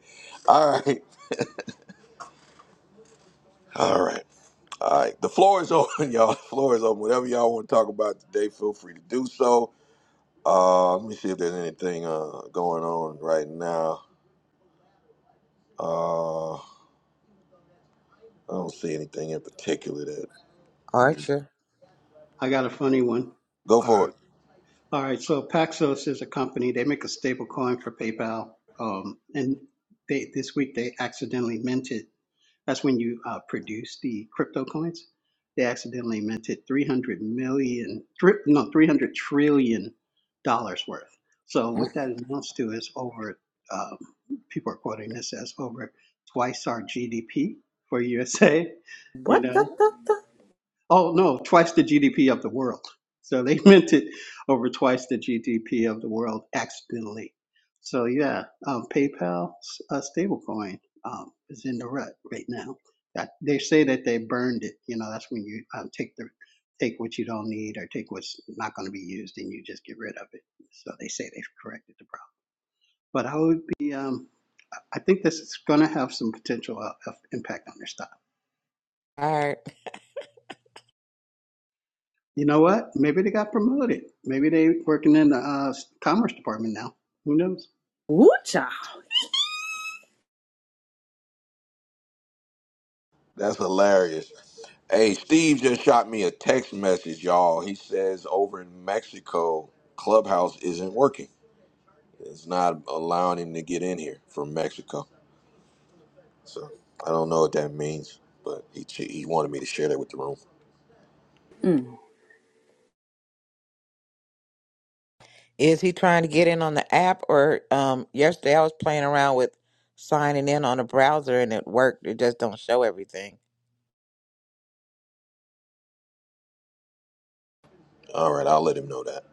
[SPEAKER 1] All right, all right. All right, the floor is open, <laughs> y'all. The floor is open. Whatever y'all want to talk about today, feel free to do so. Uh, let me see if there's anything uh, going on right now. Uh, I don't see anything in particular that. Mm.
[SPEAKER 5] Archer.
[SPEAKER 8] I got a funny one.
[SPEAKER 1] Go
[SPEAKER 8] All
[SPEAKER 1] for
[SPEAKER 8] right.
[SPEAKER 1] it.
[SPEAKER 8] All right. So Paxos is a company. They make a stable coin for PayPal. Um, and they, this week they accidentally minted That's when you uh, produce the crypto coins. They accidentally minted 300 million, thr- no, 300 trillion dollars worth. So
[SPEAKER 1] Mm,
[SPEAKER 8] what that amounts to is over, um, people are quoting this as over twice our GDP for USA. <laughs> You
[SPEAKER 2] What
[SPEAKER 8] know.
[SPEAKER 2] the, the, the?
[SPEAKER 8] Oh, no, twice the GDP of the world. So they <laughs> meant it over twice the GDP of the world accidentally. So yeah, um, PayPal uh, stablecoin um, is in the rut right now. That they say that they burned it. You know, that's when you um, take the take what you don't need or take what's not going to be used and you just get rid of it. So they say they've corrected the problem. But I would be um, I I think this is going to have some potential uh, of impact on their stock.
[SPEAKER 5] Alright.
[SPEAKER 8] You know what? Maybe they got promoted. Maybe they working in the uh, commerce department now. Who knows?
[SPEAKER 2] Woo Woocha.
[SPEAKER 1] That's hilarious. Hey, Steve just shot me a text message, y'all. He says over in Mexico, Clubhouse isn't working. It's not allowing him to get in here from Mexico. So I don't know what that means, but he he wanted me to share that with the room.
[SPEAKER 5] Is he trying to get in on the app or um yesterday I was playing around with signing in on a browser and it worked. It just don't show everything.
[SPEAKER 1] All right, I'll let him know that.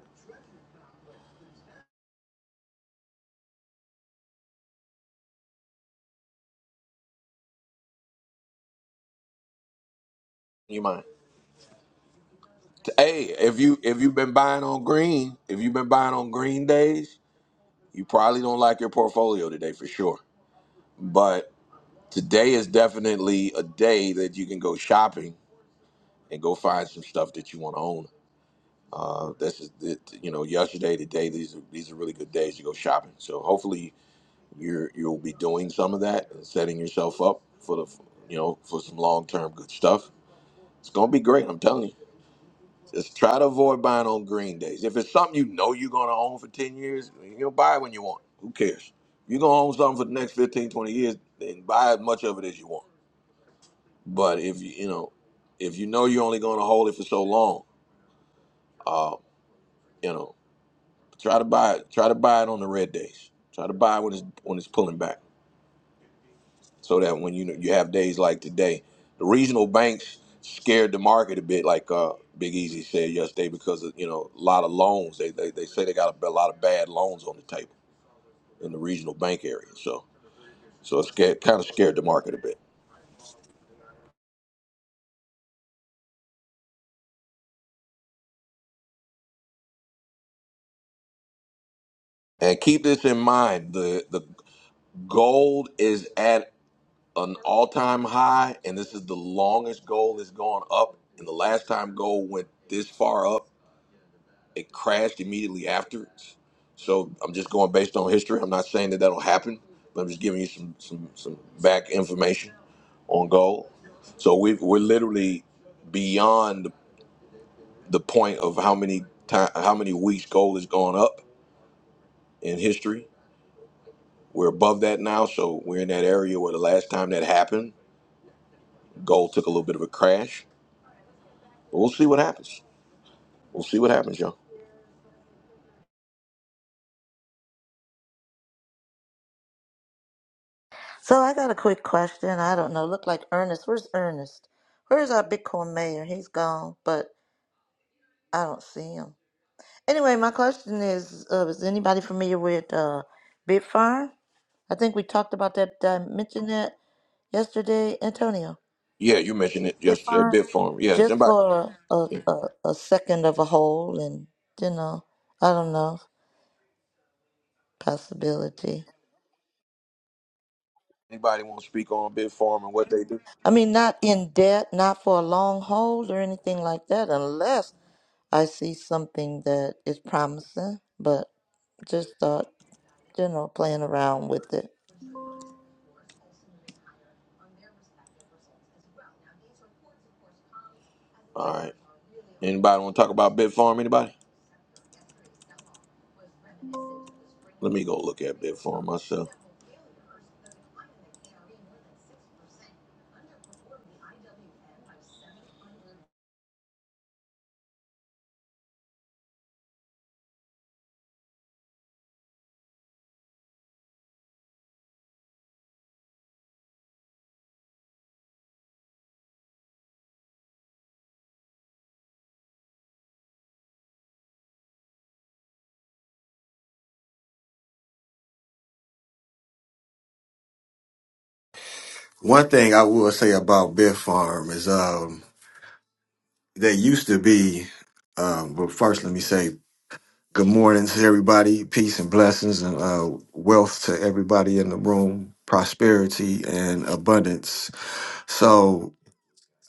[SPEAKER 1] You mind? Hey, if you if you've been buying on green, if you've been buying on green days, you probably don't like your portfolio today for sure. But today is definitely a day that you can go shopping and go find some stuff that you want to own. Uh, this is it, you know yesterday, today. These are these are really good days to go shopping. So hopefully you're you'll be doing some of that and setting yourself up for the you know for some long term good stuff. It's gonna be great. I'm telling you. Just try to avoid buying on green days. If it's something you know you're going to own for 10 years, you'll buy it when you want. Who cares? You're going to own something for the next 15, 20 years, then buy as much of it as you want. But if you, you know, if you know you're only going to hold it for so long, uh, you know, try to buy it. Try to buy it on the red days. Try to buy it when it's when it's pulling back. so that when you you have days like today, the regional banks scared the market a bit, like uh, Big Easy said yesterday, because of, you know a lot of loans. They, they they say they got a, a lot of bad loans on the table in the regional bank area. So so it's scared, kind of scared the market a bit. And keep this in mind: the the gold is at an all time high, and this is the longest gold has gone up. And the last time gold went this far up It crashed immediately afterwards. So I'm just going based on history. I'm not saying that that'll happen, but I'm just giving you some some some back information on gold. So we we're literally beyond the the point of how many time, how many weeks gold has gone up in history. We're above that now, so we're in that area where the last time that happened, gold took a little bit of a crash. But we'll see what happens. We'll see what happens, y'all.
[SPEAKER 4] so I got a quick question. I don't know. Look like Ernest. Where's Ernest? Where's our Bitcoin mayor? He's gone, but I don't see him. Anyway, my question is: uh, Is anybody familiar with uh, Bit I think we talked about that. Did I mention that yesterday, Antonio?
[SPEAKER 1] Yeah, you mentioned it
[SPEAKER 4] Bit
[SPEAKER 1] yesterday, Bitfarm. Yeah, does
[SPEAKER 4] just
[SPEAKER 1] anybody
[SPEAKER 4] for a, a, a second of a hole and you know i don't know possibility
[SPEAKER 1] anybody want to speak on Bitfarm and what they do?
[SPEAKER 4] i mean not in debt not for a long hold or anything like that unless i see something that is promising but just thought you know playing around with it
[SPEAKER 1] All right. Anybody want to talk about Bit Farm? Anybody? Let me go look at Bit Farm myself.
[SPEAKER 10] One thing I will say about Biff Farm is um they used to be um but first let me say good morning to everybody, peace and blessings and uh wealth to everybody in the room, prosperity and abundance. So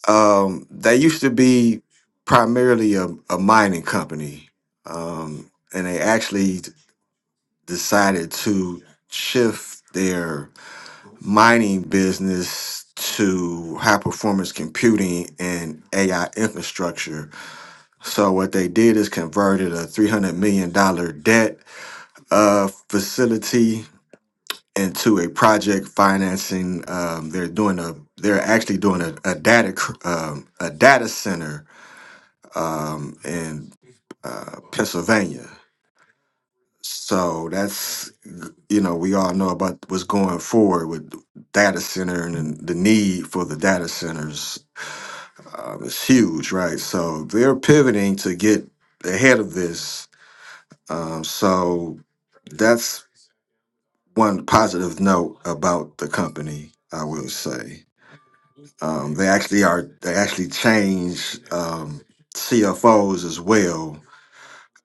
[SPEAKER 10] um they used to be primarily a, a mining company. Um and they actually decided to shift their. mining business to high performance computing and AI infrastructure. So what they did is converted a $300 million dollar debt uh, facility into a project financing. Um, they're doing a they're actually doing a, a data cr- um, a data center um, in uh, Pennsylvania. So that's, you know, we all know about what's going forward with data center and the need for the data centers um, is huge, right? So they're pivoting to get ahead of this. Um, so that's one positive note about the company, I will say. Um, they actually are, they actually changed um, CFOs as well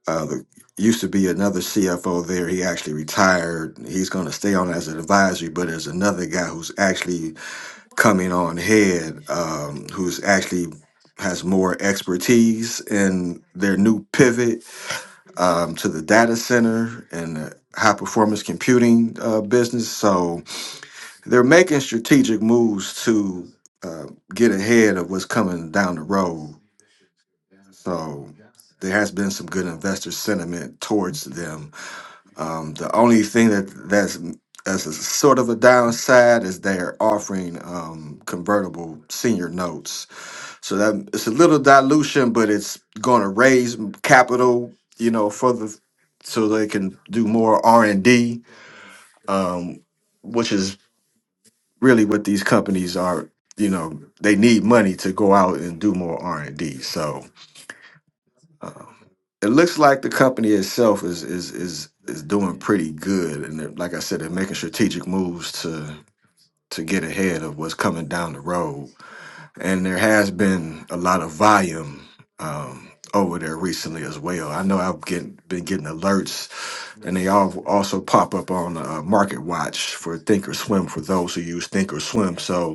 [SPEAKER 10] Uh, there used to be another CFO there. He actually retired. He's going to stay on as an advisory, but there's another guy who's actually coming on head, um, who's actually has more expertise in their new pivot um, to the data center and the high performance computing uh, business. So they're making strategic moves to uh, get ahead of what's coming down the road. So there has been some good investor sentiment towards them um, the only thing that that's as a sort of a downside is they're offering um, convertible senior notes, so that it's a little dilution, but it's going to raise m- capital, you know, for the so they can do more R and D, um, which is really what these companies are. You know, they need money to go out and do more R and D. So um, it looks like the company itself is is is is doing pretty good, and they're, like I said, they're making strategic moves to to get ahead of what's coming down the road. And there has been a lot of volume um, over there recently as well. I know I've getting, been getting alerts, and they all also pop up on uh, Market Watch for Thinkorswim for those who use Thinkorswim. So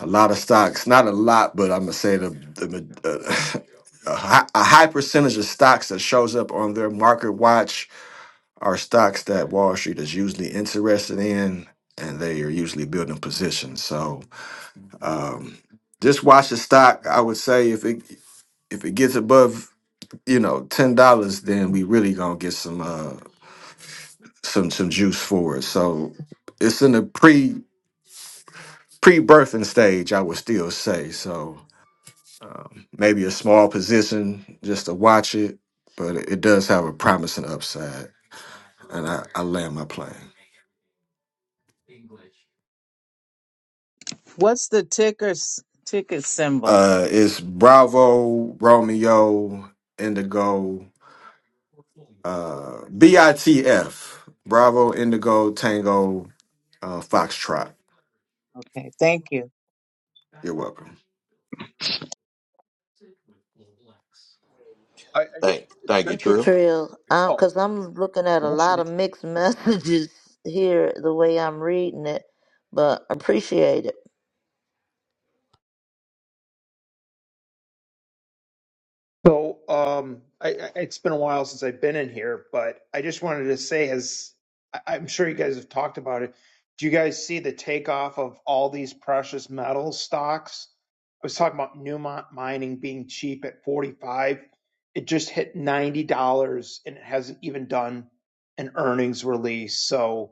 [SPEAKER 10] a lot of stocks, not a lot, but I'm gonna say the, the uh, <laughs> a, high, a high percentage of stocks that shows up on their market watch are stocks that Wall Street is usually interested in, and they are usually building positions. So um, just watch the stock. I would say if it if it gets above you know ten dollars, then we really gonna get some uh, some some juice for it. So it's in the pre pre birthing stage, I would still say so Um, maybe a small position just to watch it, but it, it does have a promising upside, and I, I land my plane.
[SPEAKER 6] What's the ticker s- ticket symbol?
[SPEAKER 10] Uh, it's Bravo, Romeo, Indigo, uh, BITF. Bravo, Indigo, Tango, uh, Foxtrot.
[SPEAKER 6] Okay. Thank you.
[SPEAKER 10] Fucker.
[SPEAKER 12] I, I just
[SPEAKER 1] Thank,
[SPEAKER 12] it's
[SPEAKER 1] thank
[SPEAKER 12] been,
[SPEAKER 1] you,
[SPEAKER 4] thank you
[SPEAKER 1] Trill.
[SPEAKER 4] trill
[SPEAKER 12] oh
[SPEAKER 4] because i'm looking at a
[SPEAKER 8] That's,
[SPEAKER 4] lot of mixed <laughs> messages here the way i'm reading it but appreciate it
[SPEAKER 12] so um I, I it's been a while since I've been in here, but I just wanted to say as I, I'm sure you guys have talked about it. Do you guys see the takeoff of all these precious metal stocks? I was talking about Newmont mining being cheap at 45. It just hit $90 and it hasn't even done an earnings release. So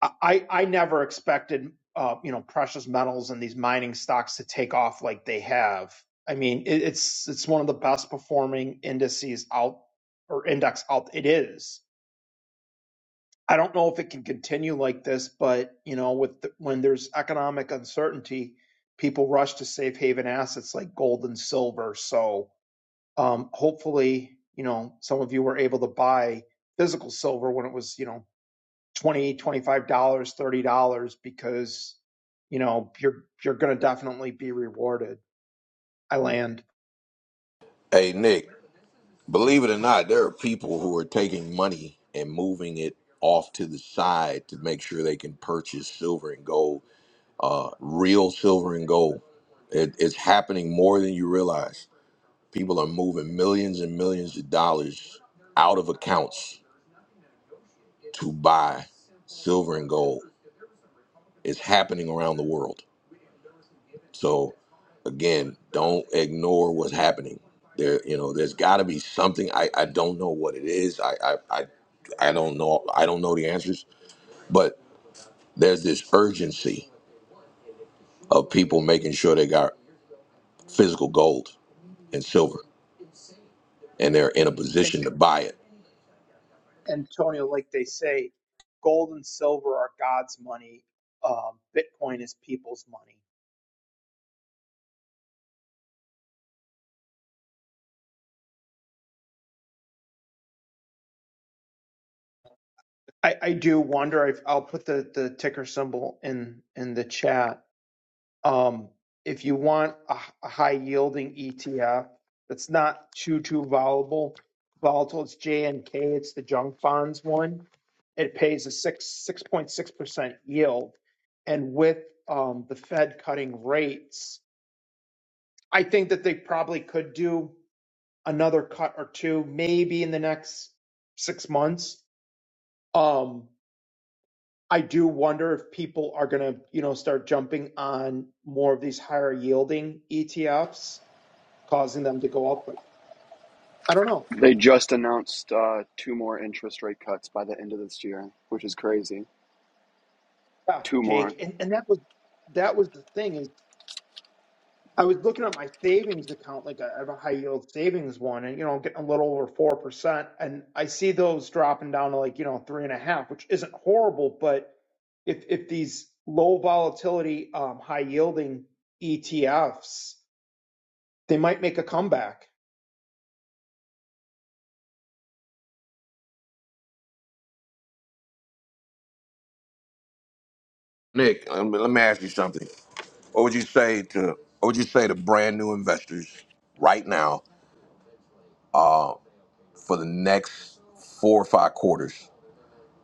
[SPEAKER 12] I I never expected uh, you know precious metals and these mining stocks to take off like they have. I mean, it, it's it's one of the best performing indices out or index out. It is. I don't know if it can continue like this, but you know, with the, when there's economic uncertainty, people rush to safe haven assets like gold and silver. So um, hopefully, you know, some of you were able to buy physical silver when it was you know 20 dollars, 25 dollars 30 dollars because you know you're you're going to definitely be rewarded i land
[SPEAKER 1] Hey, Nick. Believe it or not, there are people who are taking money and moving it off to the side to make sure they can purchase silver and gold, uh, real silver and gold. It, it's happening more than you realize. People are moving millions and millions of dollars out of accounts to buy silver and gold. It's happening around the world. So again, don't ignore what's happening. There, you know, there's got to be something. I, I don't know what it is. I, I I I don't know. I don't know the answers. But there's this urgency of people making sure they got physical gold and silver, and they're in a
[SPEAKER 12] and
[SPEAKER 1] position to buy it.
[SPEAKER 12] antonio like they say gold and silver are god's money um, bitcoin is people's money i, I do wonder if i'll put the, the ticker symbol in in the chat Um, if you want a, a high yielding ETF that's not too too volatile, volatile, it's J and K. It's the junk bonds one. It pays a six six point six percent yield, and with um, the Fed cutting rates, I think that they probably could do another cut or two, maybe in the next six months. Um, I do wonder if people are going to, you know, start jumping on more of these higher yielding ETFs causing them to go up. But I don't know.
[SPEAKER 13] They just announced uh, two more interest rate cuts by the end of this year, which is crazy.
[SPEAKER 12] Yeah,
[SPEAKER 13] Two more.
[SPEAKER 12] Jake, and and that was that was the thing is I was looking at my savings account, like I have a high yield savings one, and you know getting a little over four percent, and I see those dropping down to like you know three and a half, which isn't horrible, but if if these low volatility, um, high yielding ETFs, they might make a comeback.
[SPEAKER 1] Nick, um, let me ask you something. What would you say to What would you say to brand new investors right now for the next four or five quarters?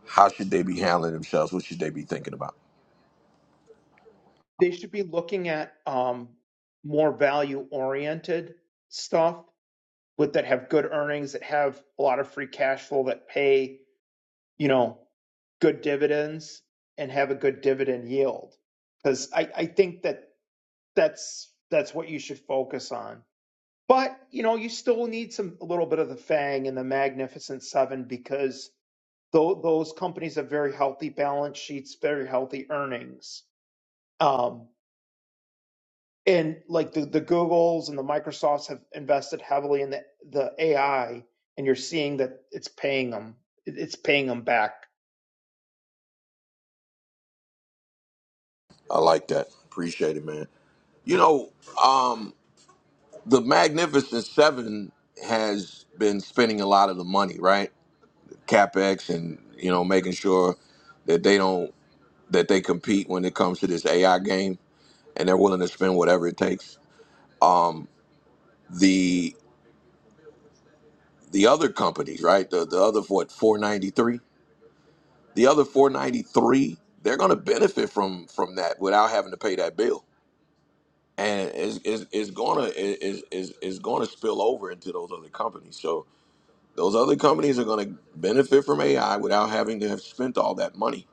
[SPEAKER 1] How should they be handling themselves? What should they be thinking about?
[SPEAKER 12] They should be looking at um, more value oriented stuff with that have good earnings, that have a lot of free cash flow, that pay, you know, good dividends and have a good dividend yield. Because I, I think that that's that's what you should focus on. But you know, you still need some a little bit of the Fang and the Magnificent Seven because tho- those companies have very healthy balance sheets, very healthy earnings. Um, and like the, the Googles and the Microsofts have invested heavily in the, the AI, and you're seeing that it's paying them. It's paying them back.
[SPEAKER 1] I like that. Appreciate it, man. You know, um, the Magnificent Seven has been spending a lot of the money, right? CapEx and you know making sure that they don't that they compete when it comes to this AI game, and they're willing to spend whatever it takes. Um, the the other companies, right? The the other what four ninety three, the other four ninety three, they're going to benefit from from that without having to pay that bill and it's, it's, it's gonna is is is gonna spill over into those other companies. So those other companies are gonna benefit from AI without having to have spent all that money,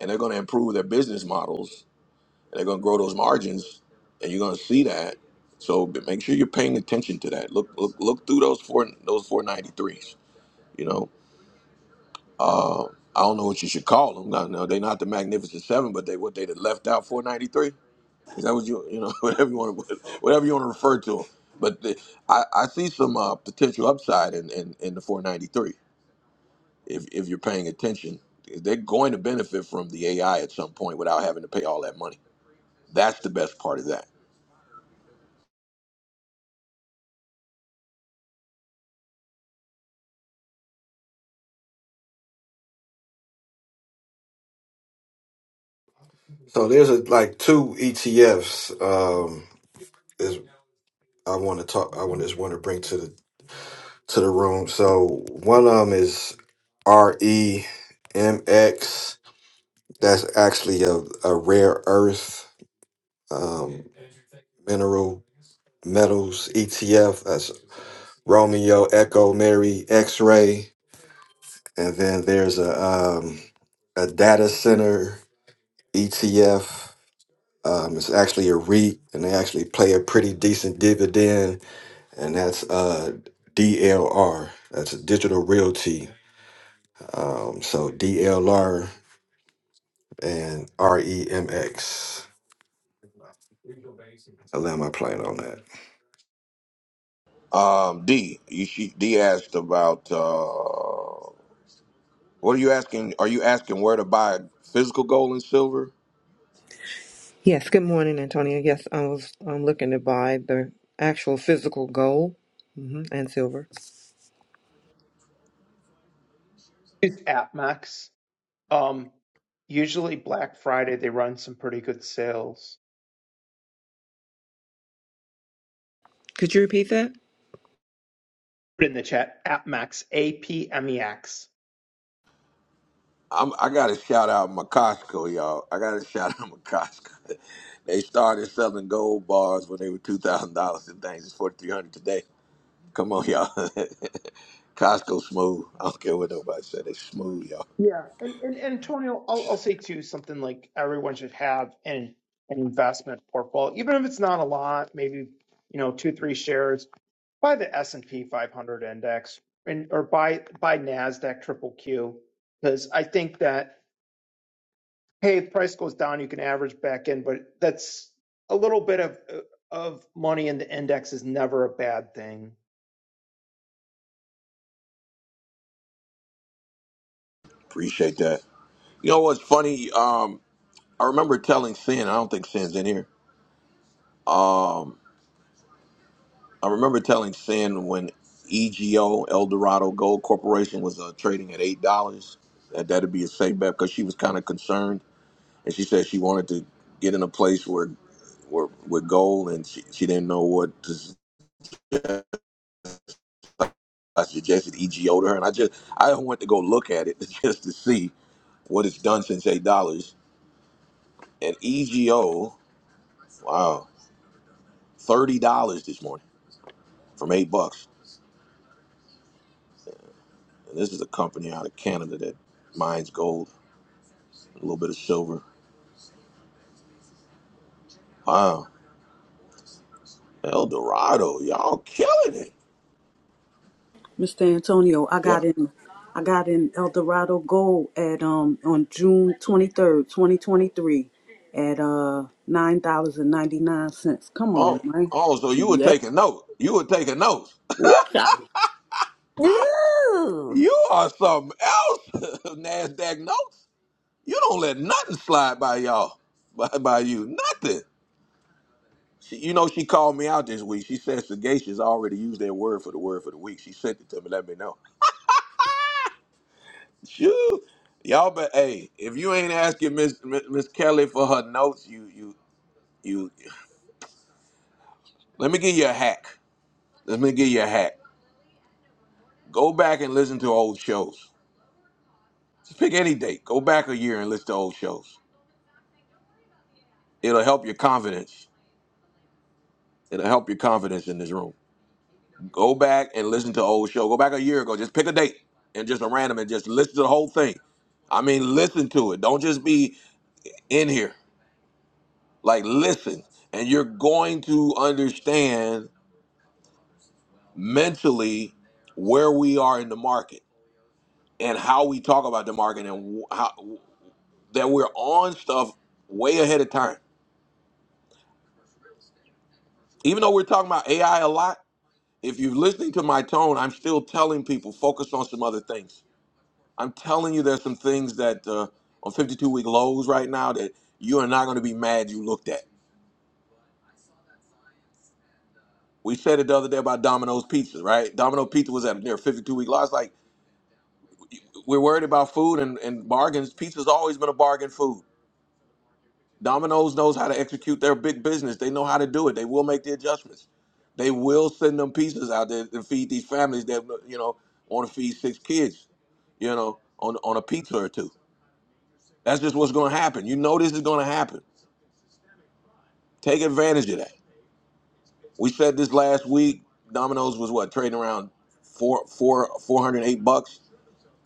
[SPEAKER 1] and they're gonna improve their business models, and they're gonna grow those margins, and you're gonna see that. So b- make sure you're paying attention to that. Look look look through those four those four ninety threes. You know, uh, I don't know what you should call them. No, no, they're not the Magnificent Seven, but they what they done left out four ninety three. Is that what you you know <laughs> whatever you want to whatever you want to refer to them? But the, I I see some uh, potential upside in, in in the 493 if if you're paying attention. They're going to benefit from the AI at some point without having to pay all that money. That's the best part of that.
[SPEAKER 10] So there's a, like two ETFs um, is I want to talk. I want just want to bring to the to the room. So one of them is REMX. That's actually a, a rare earth um, mineral metals ETF. That's Romeo, Echo, Mary, X Ray. And then there's a, um, a data center ETF. Um, it's actually a REIT, and they actually play a pretty decent dividend, and that's uh, DLR. That's Digital Realty. Um, so DLR and REMX. I land my plane on that.
[SPEAKER 1] Um, D, you, she, D asked about uh, what are you asking? Are you asking where to buy physical gold and silver?
[SPEAKER 9] Yes, good morning, Antonia. Yes, I was I'm looking to buy the actual physical gold hmm and silver.
[SPEAKER 12] It's AppMax. Um, usually Black Friday they run some pretty good sales.
[SPEAKER 9] Could you repeat that?
[SPEAKER 12] Put in the chat AppMax, A P M E X.
[SPEAKER 1] I'm, I got to shout out my Costco, y'all. I got to <laughs> shout out my Costco. <laughs> They started selling gold bars when they were two thousand dollars and things. It's forty three hundred today. Come on, y'all. <laughs> Costco smooth. I don't care what nobody said. They smooth, y'all.
[SPEAKER 12] Yeah, and, and and Antonio, I'll, I'll say too something like everyone should have in an investment portfolio, even if it's not a lot, maybe you know two three shares by the S&P 500 index and or by by Nasdaq triple Q because I think that hey if price goes down you can average back in but that's a little bit of of money in the index is never a bad thing.
[SPEAKER 1] Appreciate that. You know what's funny? Um, I remember telling Sin. I don't think Sin's in here. Um, I remember telling Sin when EGO El Dorado Gold Corporation was uh, trading at eight dollars. That that'd be a safe bet because she was kind of concerned and she said she wanted to get in a place where where with gold and she, she didn't know what to s- I suggested EGO to her and I just I went to go look at it <laughs> just to see what it's done since eight dollars and EGO wow thirty dollars this morning from eight bucks and this is a company out of Canada that mines gold a little bit of silver wow El Dorado y'all killing it
[SPEAKER 2] Mr. Antonio, I
[SPEAKER 1] yeah
[SPEAKER 2] got in I got in El Dorado Gold at um on June twenty third, twenty twenty three at uh nine dollars and ninety nine cents. Come on,
[SPEAKER 1] oh
[SPEAKER 2] man.
[SPEAKER 1] oh so you were
[SPEAKER 2] Yeah.
[SPEAKER 1] taking note you were taking notes
[SPEAKER 2] Woo
[SPEAKER 4] Ooh,
[SPEAKER 1] You are something else, <laughs> NASDAQ notes. You don't let nothing slide by y'all, <laughs> by, by you. Nothing. She, you know, she called me out this week. She said sagacious. I already used that word for the word for the week. She sent it to me. Let me know. Shoo. Y'all, but hey, if you ain't asking Miss Miss Kelly for her notes, you you you. Let me give you a hack. Let me give you a hack. Go back and listen to old shows. Just pick any date. Go back a year and listen to old shows. It'll help your confidence. It'll help your confidence in this room. Go back and listen to the old show. Go back a year ago. Just pick a date and just a random and just listen to the whole thing. I mean, listen to it. Don't just be in here. Like, listen. And you're going to understand mentally where we are in the market and how we talk about the market and wh- how, that we're on stuff way ahead of time. Even though we're talking about AI a lot, if you're listening to my tone, I'm still telling people focus on some other things I'm telling you, there's some things that uh, on 52 week lows right now that you are not going to be mad you looked at. We said it the other day about Domino's Pizza, right? Domino Pizza was at near 52 week lows. Like we're worried about food and, and bargains. Pizza's always been a bargain food. Domino's knows how to execute their big business. They know how to do it. They will make the adjustments. They will send them pizzas out there to feed these families that you know want to feed six kids, you know, on on a pizza or two. That's just what's going to happen. You know this is going to happen. Take advantage of that We said this last week. Domino's was what trading around four four four hundred eight bucks.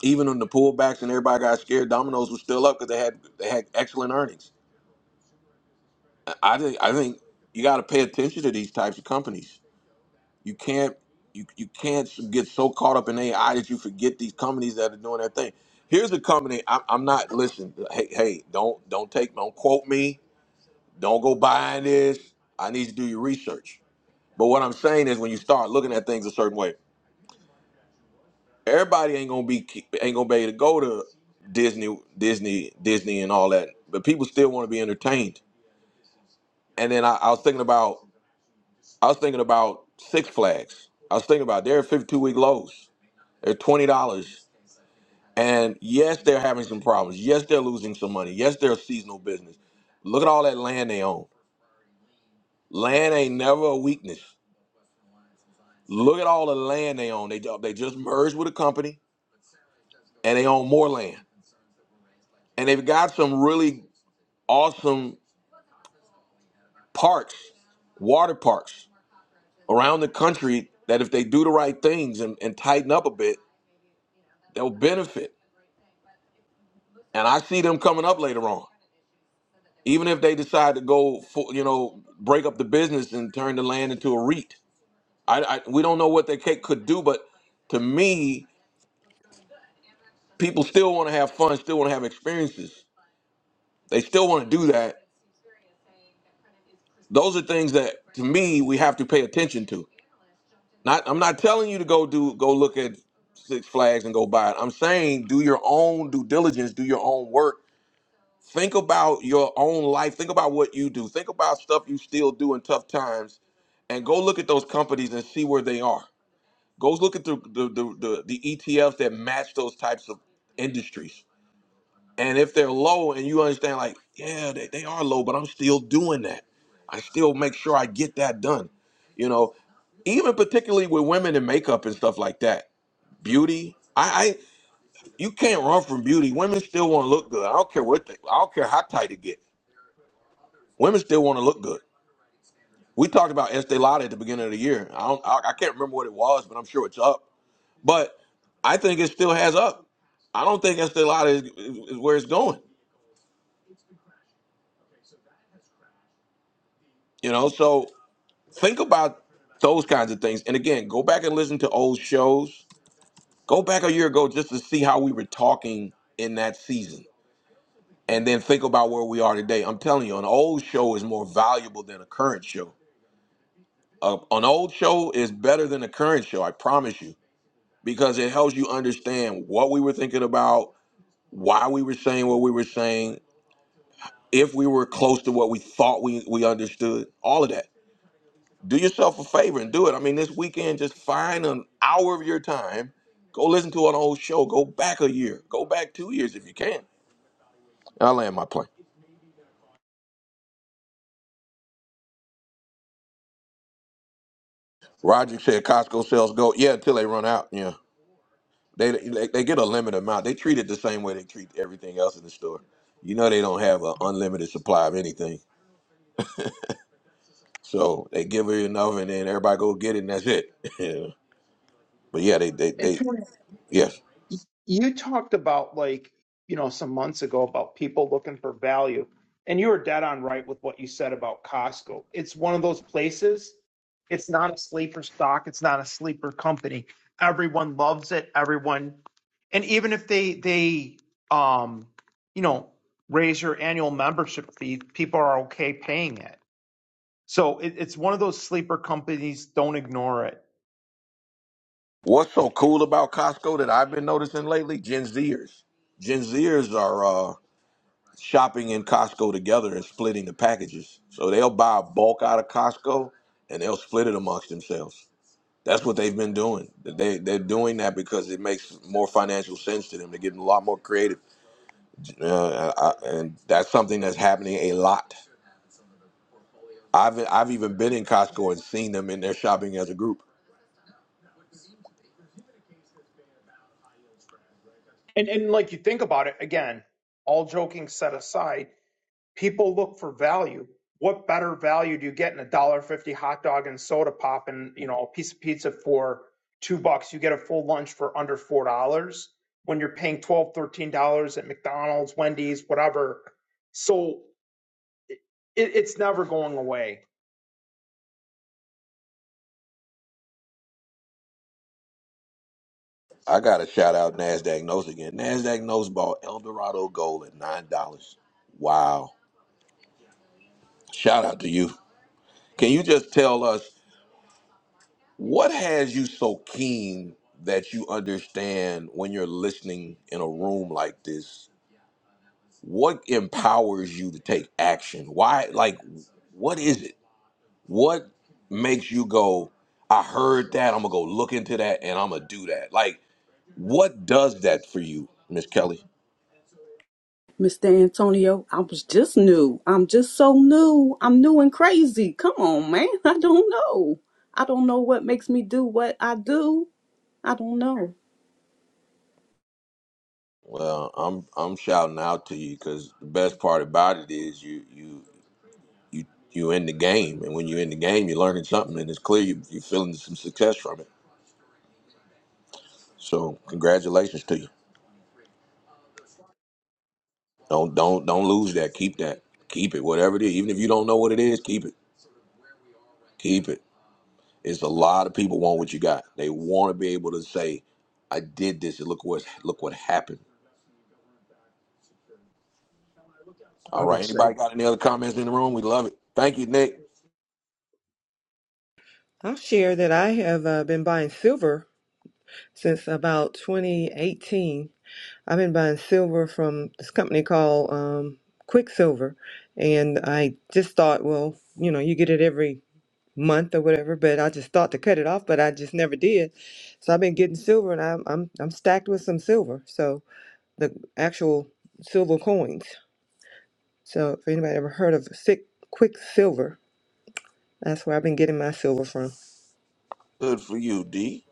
[SPEAKER 1] Even on the pullbacks and everybody got scared, Domino's was still up because they had they had excellent earnings. I I think I think you got to pay attention to these types of companies. You can't you you can't get so caught up in AI that you forget these companies that are doing their thing. Here's a company I'm, I'm not listen. Hey hey, don't don't take don't quote me. Don't go buying this. I need you to do your research. But what I'm saying is when you start looking at things a certain way. everybody ain't gonna be ain't gonna be able to go to Disney, Disney, Disney, and all that. But people still want to be entertained. And then I, I was thinking about I was thinking about Six Flags. I was thinking about they're 52 week lows. They're twenty dollars. And yes, they're having some problems. Yes, they're losing some money. Yes, they're a seasonal business. Look at all that land they own. Land ain't never a weakness. Look at all the land they own. They ju- they just merged with a company and they own more land. And they've got some really awesome parks, water parks around the country that if they do the right things and, and tighten up a bit, they'll benefit. And I see them coming up later on. Even if they decide to go, full, you know, break up the business and turn the land into a REIT, I, I we don't know what they ca- could do. But to me, people still want to have fun, still want to have experiences. They still want to do that. Those are things that, to me, we have to pay attention to. Not I'm not telling you to go do go look at Six Flags and go buy it. I'm saying do your own due diligence, do your own work. Think about your own life. Think about what you do. Think about stuff you still do in tough times and go look at those companies and see where they are. Go look at the the the, the, the ETFs that match those types of industries and if they're low and you understand, like, yeah, they, they are low, but I'm still doing that. I still make sure I get that done. You know, even particularly with women and makeup and stuff like that, beauty. I, I you can't run from beauty. Women still want to look good. I don't care what they, I don't care how tight it get. Women still want to look good. We talked about Estee Lauder at the beginning of the year. I don't I, I can't remember what it was, but I'm sure it's up. But I think it still has up. I don't think Estee Lauder is, is is where it's going. You know, so think about those kinds of things. And again, go back and listen to old shows. Go back a year ago just to see how we were talking in that season. And then think about where we are today. I'm telling you, an old show is more valuable than a current show. Uh, an old show is better than a current show, I promise you, because it helps you understand what we were thinking about, why we were saying what we were saying, if we were close to what we thought we, we understood, all of that. do yourself a favor and do it. I mean, this weekend, just find an hour of your time. Go listen to an old show. Go back a year. Go back two years if you can. I land my plane. Roger said Costco sells goat. Yeah, until they run out. Yeah, they, they they get a limited amount. They treat it the same way they treat everything else in the store. You know they don't have an unlimited supply of anything, so they give it enough, and then everybody go get it, and that's it. <laughs> Yeah. But yeah, they they
[SPEAKER 12] And
[SPEAKER 1] they
[SPEAKER 12] Tony,
[SPEAKER 1] yes.
[SPEAKER 12] y- you talked about like you know some months ago about people looking for value and you were dead on right with what you said about costco it's one of those places it's not a sleeper stock it's not a sleeper company everyone loves it everyone and even if they they um you know raise your annual membership fee people are okay paying it so it, it's one of those sleeper companies don't ignore it
[SPEAKER 1] What's so cool about Costco that I've been noticing lately? Gen Zers. Gen Zers are uh, shopping in Costco together and splitting the packages. So they'll buy a bulk out of Costco and they'll split it amongst themselves. That's what they've been doing. They, they're doing that because it makes more financial sense to them. They're getting a lot more creative. Uh, I, and that's something that's happening a lot. I've, I've even been in Costco and seen them in their shopping as a group.
[SPEAKER 12] and and like you think about it again all joking set aside people look for value. What better value do you get in a a dollar fifty hot dog and soda pop and you know a piece of pizza for two bucks? You get a full lunch for under four dollars when you're paying twelve, thirteen dollars at McDonald's, Wendy's, whatever. So it, it's never going away.
[SPEAKER 1] I got to shout out Nasdaq Nose again. Nasdaq Nose bought Eldorado Gold at nine dollars. Wow! Shout out to you. Can you just tell us what has you so keen that you understand when you're listening in a room like this? What empowers you to take action? Why? Like, what is it? What makes you go? I heard that. I'm gonna go look into that, and I'm gonna do that. Like, what does that for you, Miss Kelly?
[SPEAKER 2] Mr. Antonio, I was just new. I'm just so new. I'm new and crazy. Come on, man. <laughs> I don't know. I don't know what makes me do what I do. I don't know.
[SPEAKER 1] Well, I'm I'm shouting out to you because the best part about it is you you you you in the game, and when you're in the game, you're learning something, and it's clear you, you're feeling some success from it. So, congratulations to you. Don't don't don't lose that. Keep that. Keep it. Whatever it is, even if you don't know what it is, keep it. Keep it. It's a lot of people want what you got. They want to be able to say, "I did this, and look what look what happened." All right. Anybody got any other comments in the room? We love it. Thank you, Nick.
[SPEAKER 9] I'll share that I have uh, been buying silver since about 2018. I've been buying silver from this company called um, Quicksilver, and I just thought, well, you know, you get it every month or whatever, but I just thought to cut it off, but I just never did. So I've been getting silver, and I'm I'm I'm stacked with some silver. So. the actual silver coins. So if anybody ever heard of sick quicksilver, that's where I've been getting my silver from.
[SPEAKER 1] Good for you, D.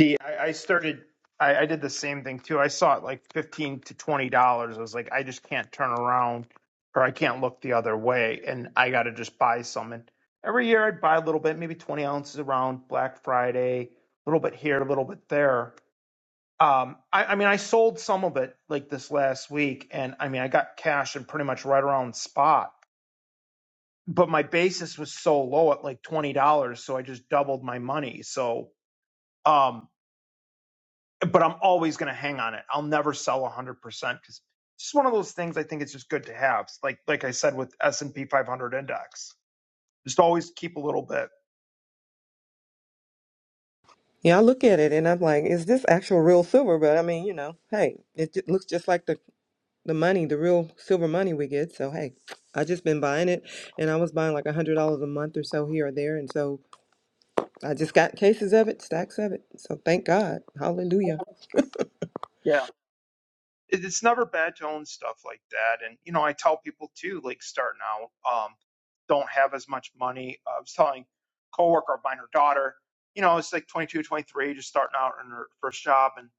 [SPEAKER 12] See, I I started. I, I did the same thing too. I saw it like fifteen to twenty dollars. I was like, I just can't turn around, or I can't look the other way, and I got to just buy some. And every year I'd buy a little bit, maybe twenty ounces around Black Friday, a little bit here, a little bit there. Um, I, I mean, I sold some of it like this last week, and I mean, I got cash and pretty much right around spot. But my basis was so low at like twenty dollars, so I just doubled my money. So. um but I'm always going to hang on it. I'll never sell 100% because it's just one of those things I think it's just good to have. Like like I said with S&P 500 index, just always keep a little bit.
[SPEAKER 9] Yeah, I look at it and I'm like, is this actual real silver? But I mean, you know, hey, it ju- looks just like the the money, the real silver money we get. So hey, I just been buying it, and I was buying like a hundred dollars a month or so here or there, and so I just got cases of it, stacks of it. So thank God, Hallelujah,
[SPEAKER 12] Yeah. It, it's never bad to own stuff like that. And, you know, I tell people too, like starting out, um, don't have as much money. I was telling a coworker of mine, her daughter, you know, it's like 22, 23, just starting out in her first job. And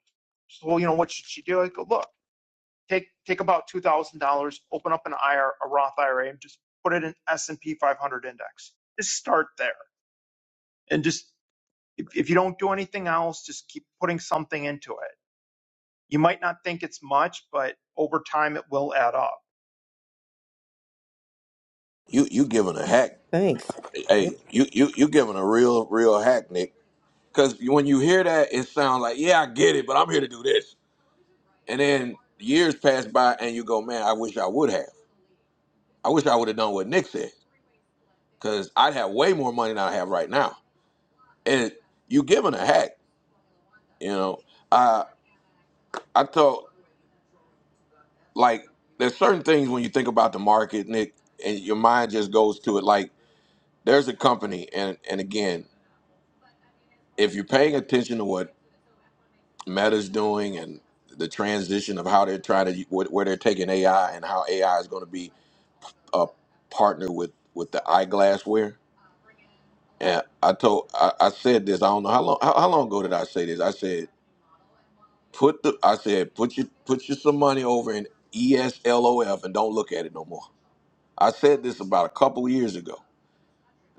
[SPEAKER 12] she said, well, you know, what should she do? I go, look. take, take about two thousand dollars, open up an IR, a a Roth IRA and just put it in S and P 500 index. Just start there and just, if, if you don't do anything else, just keep putting something into it. You might not think it's much, but over time it will add up.
[SPEAKER 1] You you giving a heck.
[SPEAKER 9] thanks.
[SPEAKER 1] Hey, you you you giving a real real hack, Nick. Because when you hear that, it sounds like yeah, I get it, but I'm here to do this. And then years pass by, and you go, man, I wish I would have. I wish I would have done what Nick said, because I'd have way more money than I have right now. And you giving a hack, you know. I I thought like there's certain things when you think about the market, Nick, and your mind just goes to it. Like there's a company, and and again, if you're paying attention to what Meta's doing and the transition of how they're trying to where where they're taking AI and how AI is going to be a partner with with the eyeglass wear. And I told I, I said this. I don't know how long how, how long ago did I say this? I said put the I said put your put your some money over in ESLOF and don't look at it no more. I said this about a couple years ago.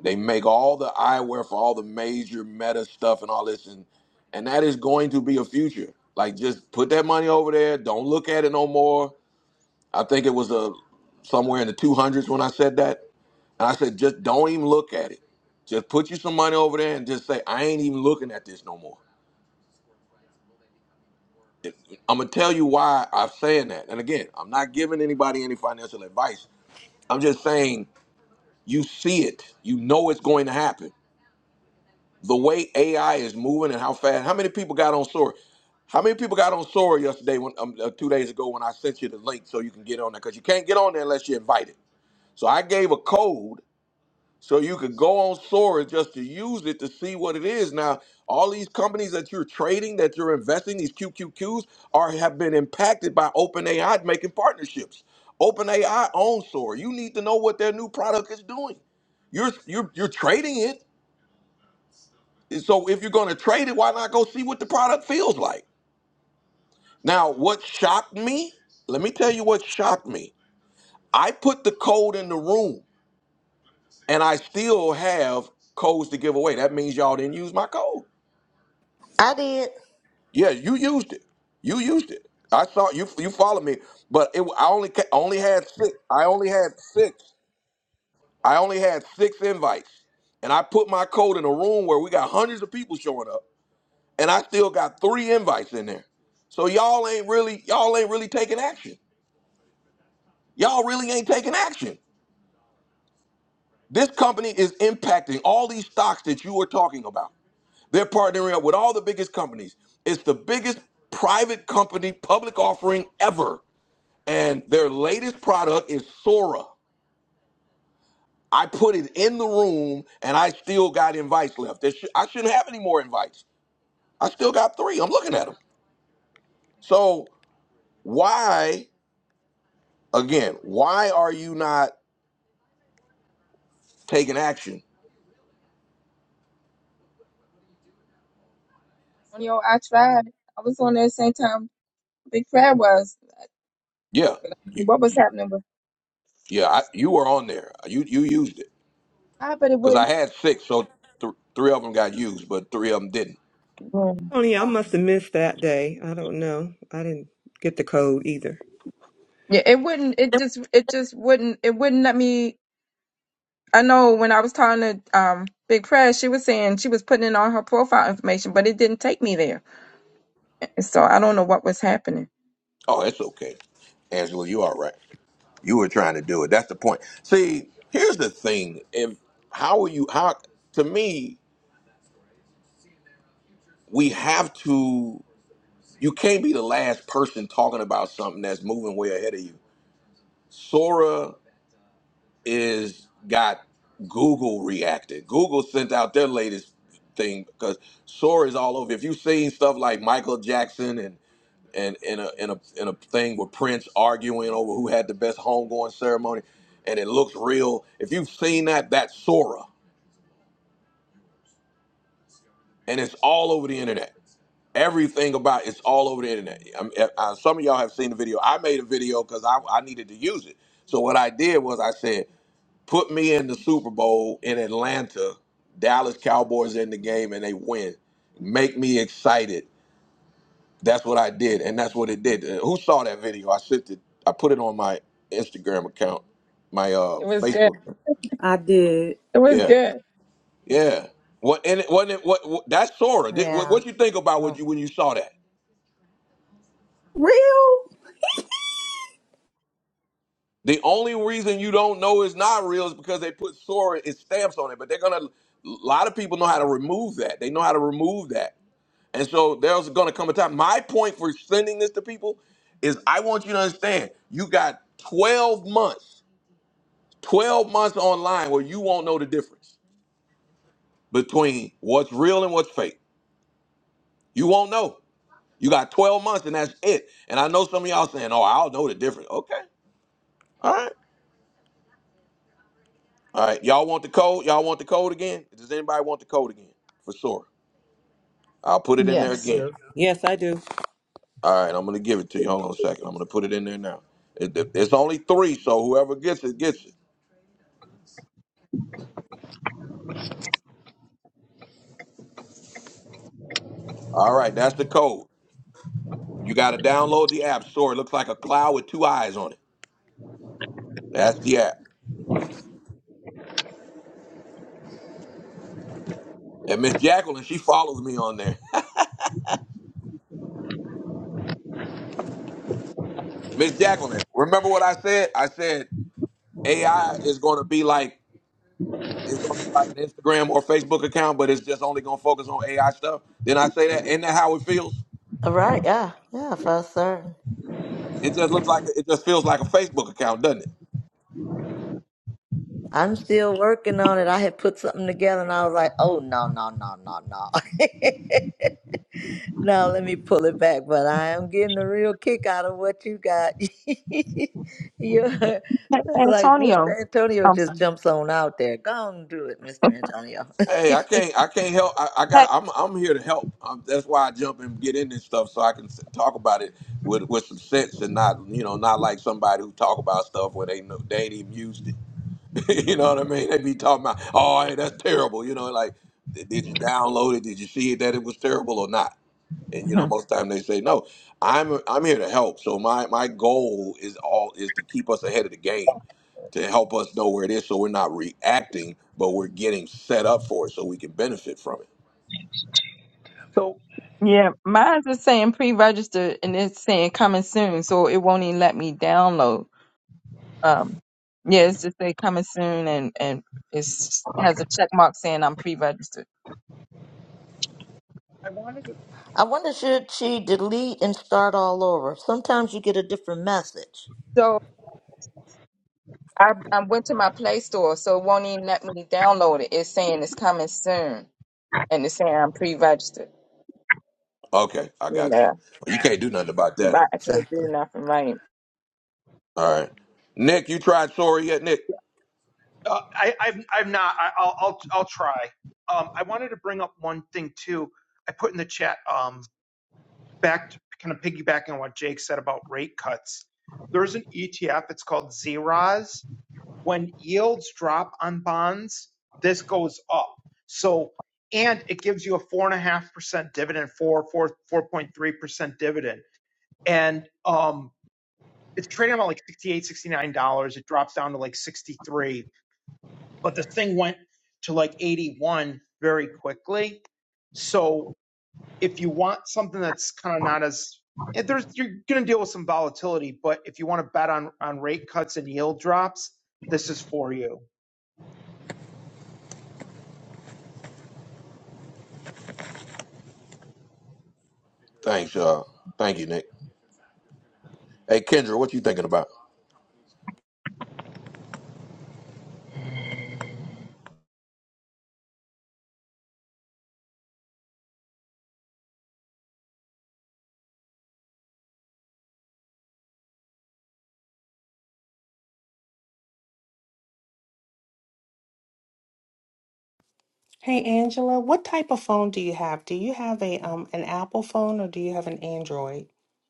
[SPEAKER 1] They make all the eyewear for all the major meta stuff and all this, and and that is going to be a future. Like just put that money over there. Don't look at it no more. I think it was a somewhere in the two hundreds when I said that, and I said just don't even look at it. Just put you some money over there and just say I ain't even looking at this no more. I'm gonna tell you why I'm saying that. And again, I'm not giving anybody any financial advice. I'm just saying you see it, you know it's going to happen. the way AI is moving and how fast. How many people got on Sora? How many people got on Sora yesterday? When um, uh, two days ago, when I sent you the link so you can get on there, because you can't get on there unless you're invited. So I gave a code so you could go on Sora just to use it to see what it is. Now, all these companies that you're trading, that you're investing, these QQQs are have been impacted by OpenAI making partnerships. OpenAI owns Sora. You need to know what their new product is doing. You're you're you're trading it. So if you're going to trade it, why not go see what the product feels like? Now, what shocked me? Let me tell you what shocked me. I put the code in the room and I still have codes to give away. That means y'all didn't use my code.
[SPEAKER 4] i did
[SPEAKER 1] Yeah, you used it. You used it. I saw you you followed me, but it I only ca- only had six. I only had six. I only had six invites. And I put my code in a room where we got hundreds of people showing up. and I still got three invites in there. So y'all ain't really y'all ain't really taking action. Y'all really ain't taking action. This company is impacting all these stocks that you are talking about. They're partnering up with all the biggest companies. It's the biggest private company public offering ever. And their latest product is Sora. I put it in the room and I still got invites left. There sh- I shouldn't have any more invites. I still got three. I'm looking at them. So why? again, why are you not taking action?
[SPEAKER 3] Yo, I tried. I was on there the same time Big Fred was.
[SPEAKER 1] Yeah, you,
[SPEAKER 3] What was
[SPEAKER 1] you
[SPEAKER 3] happening with
[SPEAKER 1] yeah, I, you were on there. You you used it
[SPEAKER 3] I but it
[SPEAKER 1] because I
[SPEAKER 3] wouldn't
[SPEAKER 1] had six, so th- three of them got used, but three of them didn't.
[SPEAKER 3] Mm.
[SPEAKER 9] Tony, I must have missed that day. I don't know. I didn't get the code either.
[SPEAKER 3] Yeah, it wouldn't it just it just wouldn't it wouldn't let me I know when I was talking to um Big Fred, she was saying she was putting in all her profile information, but it didn't take me there. And so I don't know what was happening.
[SPEAKER 1] Oh, it's okay, Angela. You all right? You were trying to do it. That's the point. See, here's the thing: if how are you? How to me, we have to. You can't be the last person talking about something that's moving way ahead of you. Sora is got Google reacted. Google sent out their latest thing because Sora is all over. If you've seen stuff like Michael Jackson and and in a in a in a thing with Prince arguing over who had the best homegoing ceremony, and it looks real. If you've seen that, that's Sora, and it's all over the internet. Everything about it's all over the internet. I'm, uh, some of y'all have seen the video. I made a video because I, I needed to use it. So what I did was I said, Put me in the Super Bowl in Atlanta, Dallas Cowboys in the game, and they win. Make me excited. That's what I did, and that's what it did. Uh, Who saw that video? I sent it. I put it on my Instagram account, my uh
[SPEAKER 3] It was good.
[SPEAKER 1] Facebook.
[SPEAKER 2] I did.
[SPEAKER 3] It was
[SPEAKER 1] Yeah,
[SPEAKER 3] good.
[SPEAKER 1] yeah. What and it wasn't it what, what that's Sora. Did, what
[SPEAKER 4] yeah
[SPEAKER 1] what you think about what you when you saw that?
[SPEAKER 2] Real?
[SPEAKER 1] The only reason you don't know it's not real is because they put Sora and stamps on it. But they're gonna. A lot of people know how to remove that. They know how to remove that. And so there's going to come a time. My point for sending this to people is I want you to understand you got 12 months, 12 months online where you won't know the difference between what's real and what's fake. You won't know. You got 12 months and that's it. And I know some of y'all saying, oh, I'll know the difference. Okay. All right. All right. Y'all want the code? Y'all want the code again? Does anybody want the code again? For sure. I'll put it in there
[SPEAKER 6] I
[SPEAKER 3] Yes.
[SPEAKER 1] again.
[SPEAKER 6] do.
[SPEAKER 9] Yes, I do.
[SPEAKER 1] All right, I'm gonna give it to you. Hold on a second. I'm gonna put it in there now. It- it- it's only three, so whoever gets it gets it. All right, that's the code. You gotta download the app store. It looks like a cloud with two eyes on it. That's the app. And Miss Jacqueline, she follows me on there. <laughs> Miss Jacqueline, remember what I said? I said AI is gonna be like it's gonna be like an Instagram or Facebook account, but it's just only gonna focus on AI stuff. Then I say that, isn't that how it feels?
[SPEAKER 4] All right, yeah, yeah, for certain.
[SPEAKER 1] It just looks like it just feels like a Facebook account, doesn't it?
[SPEAKER 4] I'm still working on it. I had put something together and I was like, oh, no, no, no, no, no. <laughs> no, let me pull it back. But I am getting a real kick out of what you got. <laughs> You're
[SPEAKER 3] Hey,
[SPEAKER 4] like,
[SPEAKER 3] Antonio,
[SPEAKER 4] Mr. Antonio
[SPEAKER 3] I'm
[SPEAKER 4] just
[SPEAKER 3] sorry.
[SPEAKER 4] jumps on out there. Go on and do it, Mr. Antonio.
[SPEAKER 1] Hey, I can't. I can't help. I, I
[SPEAKER 3] Hey,
[SPEAKER 1] got. I'm. I'm here to help. Um that's why I jump and get in this stuff so I can s- talk about it with with some sense and not you know not like somebody who talk about stuff where they know they ain't even used it. <laughs> you know what I mean? They be talking about, oh, hey, that's terrible. You know, like, "Did did you download it? Did you see it that it was terrible or not? And you know,
[SPEAKER 3] Mhm.
[SPEAKER 1] most time they say no. I'm I'm here to help. So my my goal is all is to keep us ahead of the game, to help us know where it is, so we're not reacting, but we're getting set up for it, so we can benefit from it.
[SPEAKER 12] So
[SPEAKER 3] yeah, mine's is saying pre-registered and it's saying coming soon, so it won't even let me download. Um, yeah, it's just say coming soon and and it's has a check mark saying I'm pre-registered.
[SPEAKER 12] I wanted to,
[SPEAKER 4] <laughs> I wonder, should she delete and start all over? Sometimes you get a different message.
[SPEAKER 3] So I I went to my Play Store, so it won't even let me download it. It's saying it's coming soon and it's saying I'm pre-registered.
[SPEAKER 1] Okay, I got you.
[SPEAKER 3] Yeah,
[SPEAKER 1] Well, You can't do nothing about that.
[SPEAKER 3] but I can't do
[SPEAKER 4] Exactly.
[SPEAKER 3] nothing right.
[SPEAKER 1] All right, Nick, you tried sorry yet, Nick?
[SPEAKER 12] uh, I, I've, I've not, I, I'll, I'll, I'll try. Um, I wanted to bring up one thing too. I put in the chat, um, back to kind of piggybacking on what Jake said about rate cuts. There's an ETF. It's called Zeros. when yields drop on bonds, this goes up. So, and it gives you a four and a half percent dividend, four, four, four point three percent dividend. And um it's trading about like sixty eight, sixty nine dollars. It drops down to like sixty-three, but the thing went to like eighty-one very quickly. So if you want something that's kind of not as and there's you're gonna deal with some volatility, but if you want to bet on on rate cuts and yield drops, this is for you.
[SPEAKER 1] Thanks, uh, thank you, Nick. Hey, Kendra, what you thinking about?
[SPEAKER 14] Hey Angela, what type of phone do you have? Do you have a um an Apple phone or do you have an Android?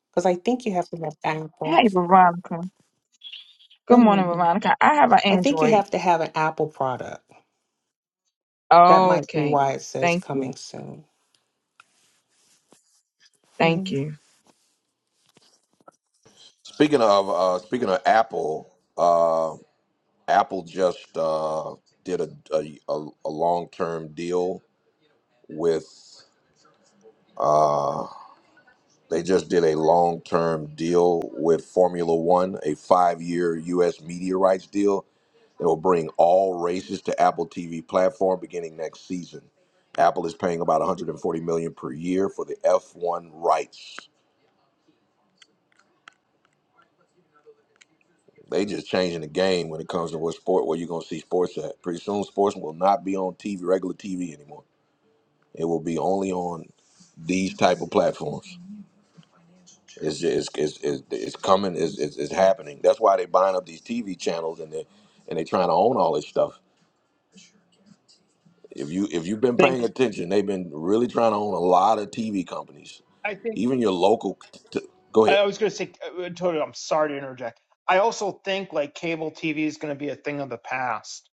[SPEAKER 14] Because I think you have to have Apple.
[SPEAKER 3] Hey, Veronica. Good
[SPEAKER 14] Good
[SPEAKER 3] morning,
[SPEAKER 14] morning.
[SPEAKER 3] Veronica. I have an
[SPEAKER 14] I think you
[SPEAKER 3] Android.
[SPEAKER 14] have to have an Apple product. That might be
[SPEAKER 3] Okay.
[SPEAKER 14] why it says
[SPEAKER 3] Thank you.
[SPEAKER 14] coming soon. Mm-hmm.
[SPEAKER 3] Thank you.
[SPEAKER 1] Speaking of uh, speaking of Apple, uh, Apple just uh, did a a, a long term deal with. Uh, they just did a long term deal with Formula One, a five year U.S. media rights deal that will bring all races to Apple TV platform beginning next season. Apple is paying about 140 million dollars per year for the F1 rights. They just changing the game when it comes to what sport where you're gonna see sports at. Pretty soon, sports will not be on TV, regular TV anymore. It will be only on these type of platforms. It's just, it's, it's, it's, coming. It's, it's, it's happening. That's why they buying up these TV channels and they and they trying to own all this stuff. If you if you've been paying attention, they've been really trying to own a lot of TV companies,
[SPEAKER 12] I think
[SPEAKER 1] even your local. T- go ahead.
[SPEAKER 12] I was going to say, uh, Toto, I'm sorry to interject. I also think like cable TV is going to be a thing of the past.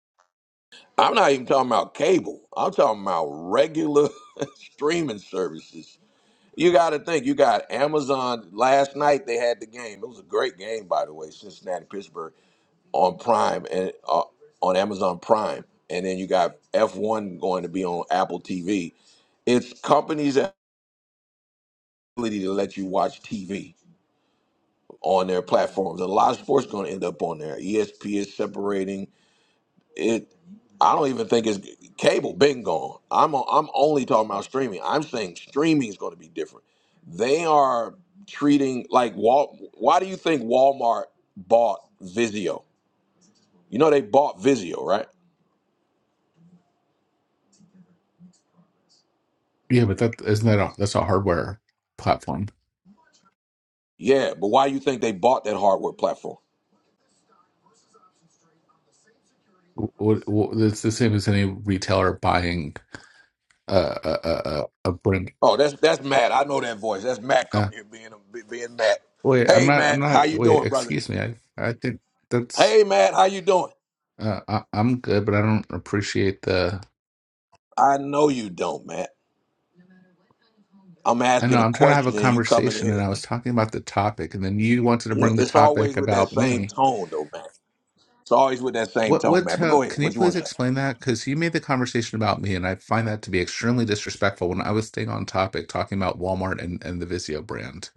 [SPEAKER 1] I'm not even talking about cable. I'm talking about regular <laughs> streaming services You got to think. You got Amazon. Last night they had the game. It was a great game, by the way. Cincinnati Pittsburgh on Prime and uh, on Amazon Prime, and then you got F1 going to be on Apple TV. It's companies' ability to let you watch TV on their platforms. A lot of sports going to end up on there. ESPN is separating. It. I don't even think it's cable. Been gone. I'm. On, I'm only talking about streaming. I'm saying streaming is going to be different. They are treating like Wal. Why do you think Walmart bought Vizio? You know they bought Vizio, right?
[SPEAKER 15] Yeah, but that isn't that a, that's a hardware platform.
[SPEAKER 1] Yeah, but why do you think they bought that hardware platform?
[SPEAKER 15] What, what, it's the same as any retailer buying uh, a a a a brand.
[SPEAKER 1] Oh, that's that's Matt. I know that voice. That's Matt
[SPEAKER 15] Uh,
[SPEAKER 1] coming here being being Matt.
[SPEAKER 15] wait, I'm
[SPEAKER 1] Hey
[SPEAKER 15] not. I'm
[SPEAKER 1] Matt, how
[SPEAKER 15] not.
[SPEAKER 1] you
[SPEAKER 15] Wait,
[SPEAKER 1] doing, brother?
[SPEAKER 15] excuse me. I I think that's.
[SPEAKER 1] Hey Matt, how you doing?
[SPEAKER 15] Uh, I, I'm good, but I don't appreciate the.
[SPEAKER 1] I know you don't, Matt. I'm
[SPEAKER 15] I
[SPEAKER 1] asking
[SPEAKER 15] know.
[SPEAKER 1] a
[SPEAKER 15] I'm trying to have a
[SPEAKER 1] question and you coming
[SPEAKER 15] conversation, and
[SPEAKER 1] here.
[SPEAKER 15] I was talking about the topic, and then you wanted to
[SPEAKER 1] Yeah,
[SPEAKER 15] bring the
[SPEAKER 1] It's always
[SPEAKER 15] topic
[SPEAKER 1] with that
[SPEAKER 15] about me.
[SPEAKER 1] same tone, though, man. It's always with that same
[SPEAKER 15] What
[SPEAKER 1] tone,
[SPEAKER 15] what
[SPEAKER 1] man. But
[SPEAKER 15] tone,
[SPEAKER 1] go ahead.
[SPEAKER 15] can you
[SPEAKER 1] What you want
[SPEAKER 15] please
[SPEAKER 1] to say?
[SPEAKER 15] explain that? Because you made the conversation about me, and I find that to be extremely disrespectful when I was staying on topic talking about Walmart and, and the Vizio brand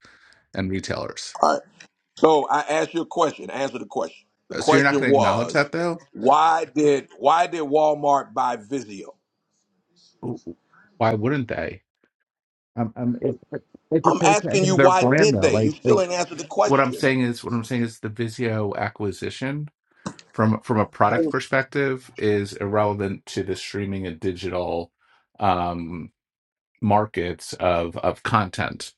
[SPEAKER 15] and retailers.
[SPEAKER 1] All right. So I asked you a question. Answer the question. The
[SPEAKER 15] Uh, So you're not
[SPEAKER 1] question
[SPEAKER 15] going to acknowledge
[SPEAKER 1] was,
[SPEAKER 15] that though?
[SPEAKER 1] why did why did Walmart buy Vizio?
[SPEAKER 15] W- w- Why wouldn't they? Um, um, it, it it
[SPEAKER 1] I'm
[SPEAKER 15] refers to
[SPEAKER 1] asking
[SPEAKER 15] any
[SPEAKER 1] you
[SPEAKER 15] of their
[SPEAKER 1] why
[SPEAKER 15] brand
[SPEAKER 1] did
[SPEAKER 15] though.
[SPEAKER 1] they? You
[SPEAKER 15] Like
[SPEAKER 1] still
[SPEAKER 15] like
[SPEAKER 1] ain't answered the
[SPEAKER 15] what I'm
[SPEAKER 1] question.
[SPEAKER 15] saying is what I'm saying is the Vizio acquisition from from a product perspective is irrelevant to the streaming and digital um, markets of of content.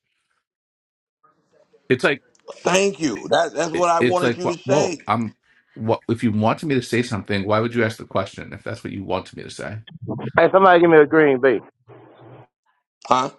[SPEAKER 15] It's like
[SPEAKER 1] Thank you. That's that's
[SPEAKER 15] it,
[SPEAKER 1] what I
[SPEAKER 15] it's
[SPEAKER 1] wanted
[SPEAKER 15] like
[SPEAKER 1] you
[SPEAKER 15] wh-
[SPEAKER 1] to
[SPEAKER 15] well
[SPEAKER 1] say.
[SPEAKER 15] i'm what if you wanted me to say something why would you ask the question if that's what you wanted me to say
[SPEAKER 16] Hey, somebody give me a green bean.
[SPEAKER 1] Huh?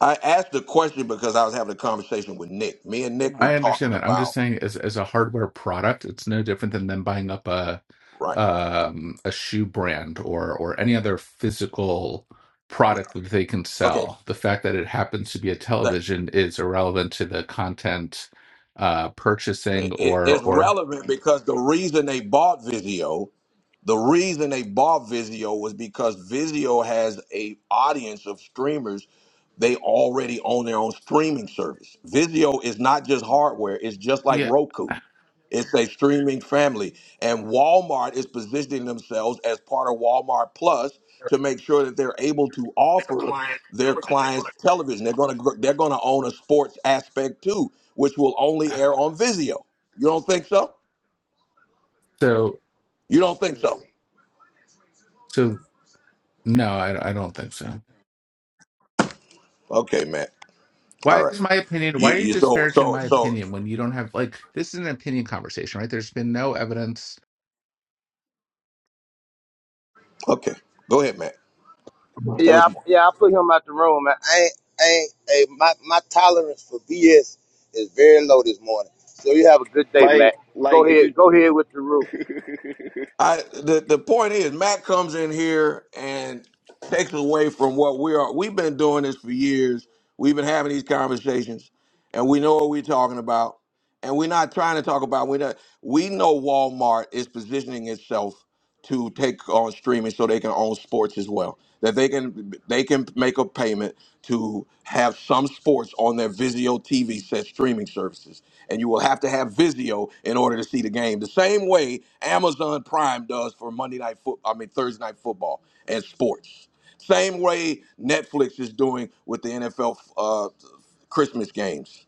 [SPEAKER 1] I asked the question because I was having a conversation with Nick. Me and
[SPEAKER 15] Yeah.
[SPEAKER 1] Nick were
[SPEAKER 15] i
[SPEAKER 1] talking
[SPEAKER 15] understand that i'm just
[SPEAKER 1] about
[SPEAKER 15] saying as, as a hardware product it's no different than them buying up a
[SPEAKER 1] right.
[SPEAKER 15] um a shoe brand or or any other physical product that they can
[SPEAKER 1] Okay.
[SPEAKER 15] sell the fact that it happens to be a television is irrelevant to the content uh purchasing
[SPEAKER 1] it,
[SPEAKER 15] or
[SPEAKER 1] it's
[SPEAKER 15] or
[SPEAKER 1] relevant because the reason they bought Vizio, the reason they bought Vizio was because Vizio has a audience of streamers. They already own their own streaming service. Vizio is not just hardware; it's just like
[SPEAKER 15] yeah
[SPEAKER 1] Roku. It's a streaming family. And Walmart is positioning themselves as part of Walmart Plus to make sure that they're able to offer their clients television. They're going to they're going to own a sports aspect too, which will only air on Vizio. You don't think so?
[SPEAKER 15] So,
[SPEAKER 1] You don't think so?
[SPEAKER 15] so no, I, I don't think so.
[SPEAKER 1] Okay, Matt. All
[SPEAKER 15] Why
[SPEAKER 1] right.
[SPEAKER 15] is my opinion?
[SPEAKER 1] You
[SPEAKER 15] Why are you
[SPEAKER 1] you so
[SPEAKER 15] disparaging
[SPEAKER 1] so
[SPEAKER 15] my
[SPEAKER 1] so
[SPEAKER 15] opinion when you don't have like this is an opinion conversation, right? There's been no evidence
[SPEAKER 1] okay. Go ahead, Matt. Say what
[SPEAKER 16] Yeah, I,
[SPEAKER 1] you want.
[SPEAKER 16] yeah, I put him out the room. Man. I ain't, I ain't, hey, my, my tolerance for BS is very low this morning. So you have a good day,
[SPEAKER 13] Like,
[SPEAKER 16] Matt. Go
[SPEAKER 13] like if
[SPEAKER 16] ahead,
[SPEAKER 13] you
[SPEAKER 16] go ahead with your room.
[SPEAKER 13] <laughs>
[SPEAKER 1] I the the point is Matt comes in here and takes away from what we are. We've been doing this for years. We've been having these conversations, and we know what we're talking about. And we're not trying to talk about we not we know Walmart is positioning itself to take on streaming so they can own sports as well. That they can they can make a payment to have some sports on their Vizio TV set streaming services. And you will have to have Vizio in order to see the game. The same way Amazon Prime does for Monday night foot I mean Thursday night football and sports. Same way Netflix is doing with the NFL uh, Christmas games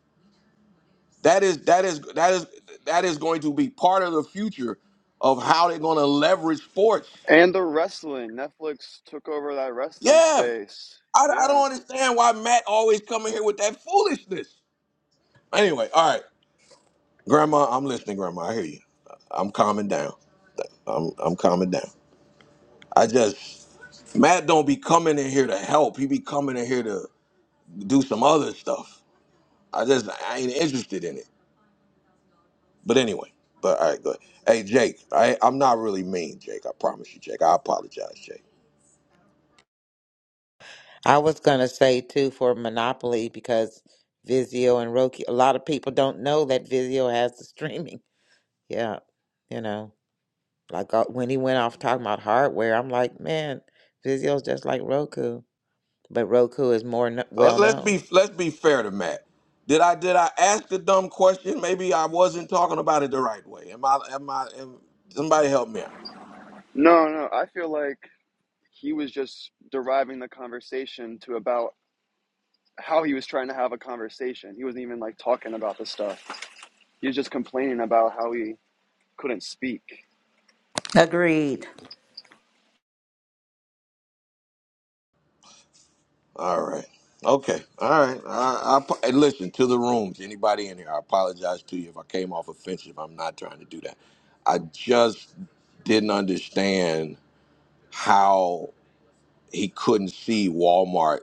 [SPEAKER 1] that is that is that is that is going to be part of the future of how they're going to leverage sports.
[SPEAKER 13] and the wrestling, Netflix took over that wrestling
[SPEAKER 1] Yeah,
[SPEAKER 13] space.
[SPEAKER 1] I, I
[SPEAKER 13] Yeah.
[SPEAKER 1] don't understand why Matt always coming here with that foolishness. Anyway, all right, Grandma, I'm listening, Grandma. I hear you. I'm calming down. I'm I'm calming down. I just Matt don't be coming in here to help. He be coming in here to do some other stuff. I just I ain't interested in it. But anyway, but all right, good. Hey, Jake, I, I'm not really mean, Jake. I promise you, Jake. I apologize, Jake.
[SPEAKER 5] I was gonna say too for Monopoly because Vizio and Roku a lot of people don't know that Vizio has the streaming. <laughs> Yeah. You know. Like uh, when he went off talking about hardware, I'm like, man, Vizio's just like Roku. But Roku is more kn-
[SPEAKER 1] Uh,
[SPEAKER 5] well
[SPEAKER 1] let's
[SPEAKER 5] known.
[SPEAKER 1] be let's be fair to Matt. Did I did I ask a dumb question? Maybe I wasn't talking about it the right way. Am I am I? Am, somebody help me out.
[SPEAKER 13] No, no, I feel like he was just deriving the conversation to about how he was trying to have a conversation. He wasn't even like talking about the stuff. He was just complaining about how he couldn't speak.
[SPEAKER 4] Agreed.
[SPEAKER 1] All right. Okay. All right. I, I, and listen to the rooms. Anybody in here? I apologize to you if I came off offensive. I'm not trying to do that. I just didn't understand how he couldn't see Walmart,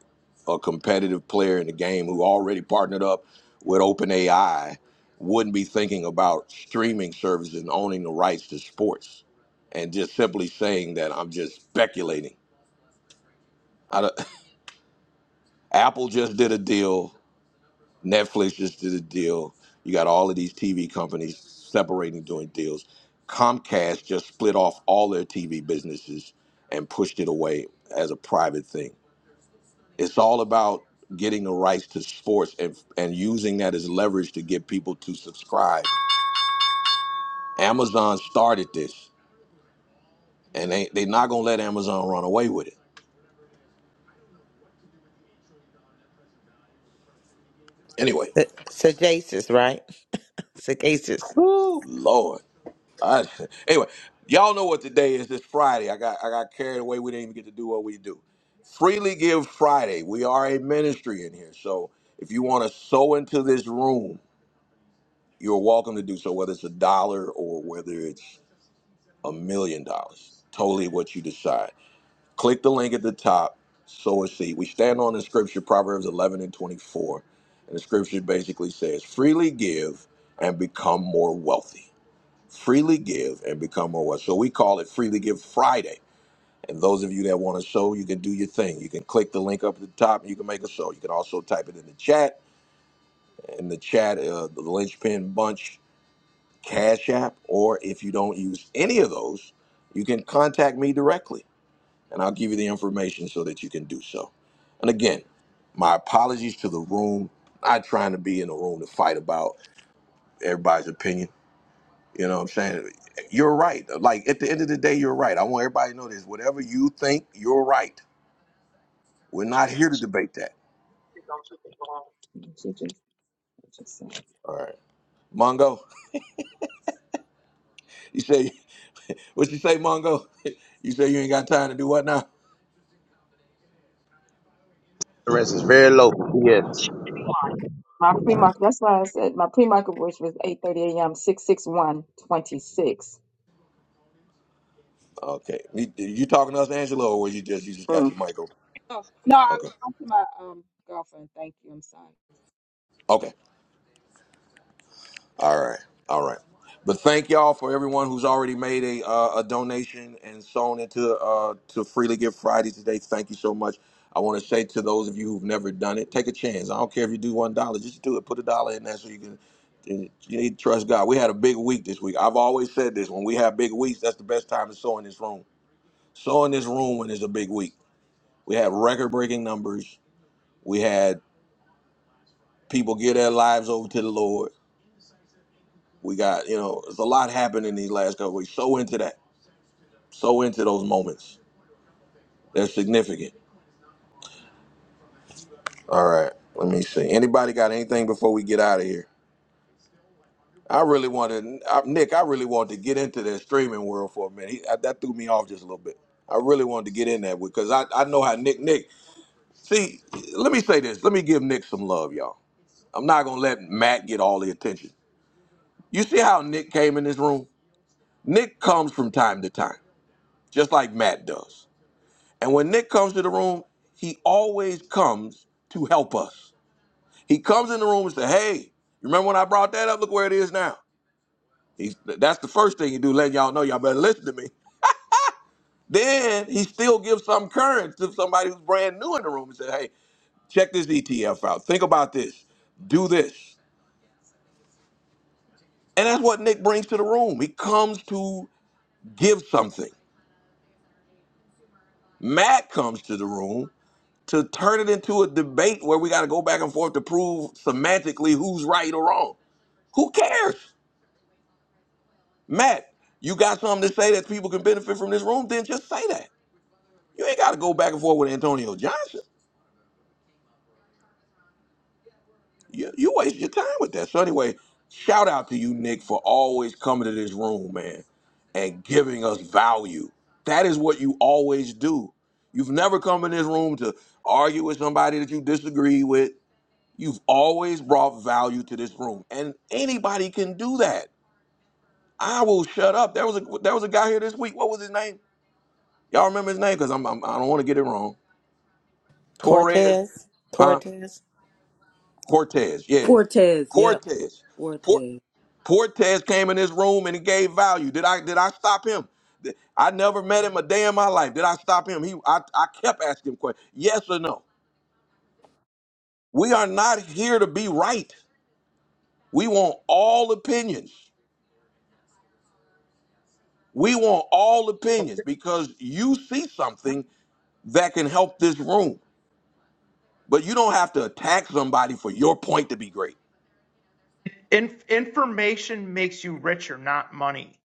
[SPEAKER 1] a competitive player in the game who already partnered up with OpenAI, wouldn't be thinking about streaming services and owning the rights to sports, and just simply saying that I'm just speculating. I don't- <laughs> Apple just did a deal, Netflix just did a deal. You got all of these TV companies separating, doing deals. Comcast just split off all their TV businesses and pushed it away as a private thing It's all about getting the rights to sports and and using that as leverage to get people to subscribe. Amazon started this, and they they're not gonna let Amazon run away with it. Anyway,
[SPEAKER 5] Sa- Sagacious, right? <laughs> Sagacious.
[SPEAKER 1] woo, Lord. I, <laughs> anyway, y'all know what today is. It's Friday. I got I got carried away. We didn't even get to do what we do. Freely Give Friday. We are a ministry in here, so if you want to sow into this room, you're welcome to do so. Whether it's a dollar or whether it's a million dollars, totally what you decide Click the link at the top, sow a seed. We stand on the scripture, Proverbs 11 and 24. And the scripture basically says, freely give and become more wealthy. Freely give and become more wealthy. So we call it Freely Give Friday. And those of you that want to sow, you can do your thing. You can click the link up at the top and you can make a sow. You can also type it in the chat. In the chat, uh, the Lynchpin Bunch Cash App, or if you don't use any of those, you can contact me directly and I'll give you the information so that you can do so. And again, my apologies to the room. Not trying to be in a room to fight about everybody's opinion. You know what I'm saying? You're right. Like at the end of the day, you're right. I want everybody to know this. Whatever you think, you're right. We're not here to
[SPEAKER 3] She
[SPEAKER 1] debate that.
[SPEAKER 3] just, just said.
[SPEAKER 1] All right. Mongo, you say <laughs> what you say, Mongo? <laughs> You say you ain't got time to do what now?
[SPEAKER 16] Tolerance is very low. BS.
[SPEAKER 3] My pre market, that's why I said my pre market which was 8:30 a.m. 66126.
[SPEAKER 1] Okay. You, you talking to us, Angela, or was you just you just got
[SPEAKER 3] Mm.
[SPEAKER 1] your mic open?
[SPEAKER 3] Oh, no, I was
[SPEAKER 1] Okay.
[SPEAKER 3] talking to my um girlfriend. Thank you. I'm sorry.
[SPEAKER 1] Okay. All right, all right. But thank y'all for everyone who's already made a uh, a donation and sewn into uh, to Freely Give Friday today. Thank you so much. I want to say to those of you who've never done it, take a chance. I don't care if you do one dollar, just do it. Put a dollar in there so you can. You need to trust God. We had a big week this week. I've always said this: when we have big weeks, that's the best time to sow in this room. Sow in this room when it's a big week. We had record-breaking numbers. We had people give their lives over to the Lord. We got, you know, there's a lot happened in these last couple weeks. So into that. So into those moments. They're significant. All right. Let me see. Anybody got anything before we get out of here? I really wanted, I, Nick, I really wanted to get into that streaming world for a minute. He, I, that threw me off just a little bit. I really wanted to get in that because I, I know how Nick, Nick, see, let me say this. Let me give Nick some love, y'all. I'm not going to let Matt get all the attention. You see how Nick came in this room? Nick comes from time to time, just like Matt does. And when Nick comes to the room, he always comes to help us. He comes in the room and says, "Hey, remember when I brought that up? Look where it is now." He's, that's the first thing he do, letting y'all know y'all better listen to me. Then he still gives some current to somebody who's brand new in the room and says, "Hey, check this ETF out. Think about this. Do this." And that's what Nick brings to the room. He comes to give something. Matt comes to the room to turn it into a debate where we got to go back and forth to prove semantically who's right or wrong. Who cares? Matt, you got something to say that people can benefit from this room, then just say that. You ain't got to go back and forth with Antonio Johnson. You, you waste your time with that. So, anyway, shout out to you, Nick, for always coming to this room, man, and giving us value. That is what you always do. You've never come in this room to argue with somebody that you disagree with. You've always brought value to this room, and anybody can do that. I will shut up. There was a there was a guy here this week. What was his name? Y'all remember his name? Because I'm, I'm I don't want to get it wrong. Torres,
[SPEAKER 5] Cortez,
[SPEAKER 1] huh?
[SPEAKER 5] Cortez,
[SPEAKER 1] Cortez, yeah.
[SPEAKER 2] Fortes, yep.
[SPEAKER 1] Cortez. Por-
[SPEAKER 2] Fortes.
[SPEAKER 1] Cortez came in this room and he gave value. Did I did I stop him? Th- I never met him a day in my life. Did I stop him? He I, I kept asking him questions. Yes or no? We are not here to be right. We want all opinions. We want all opinions
[SPEAKER 12] Okay.
[SPEAKER 1] because you see something that can help this room. But you don't have to attack somebody for your point to be great.
[SPEAKER 12] In- information makes you richer, not money.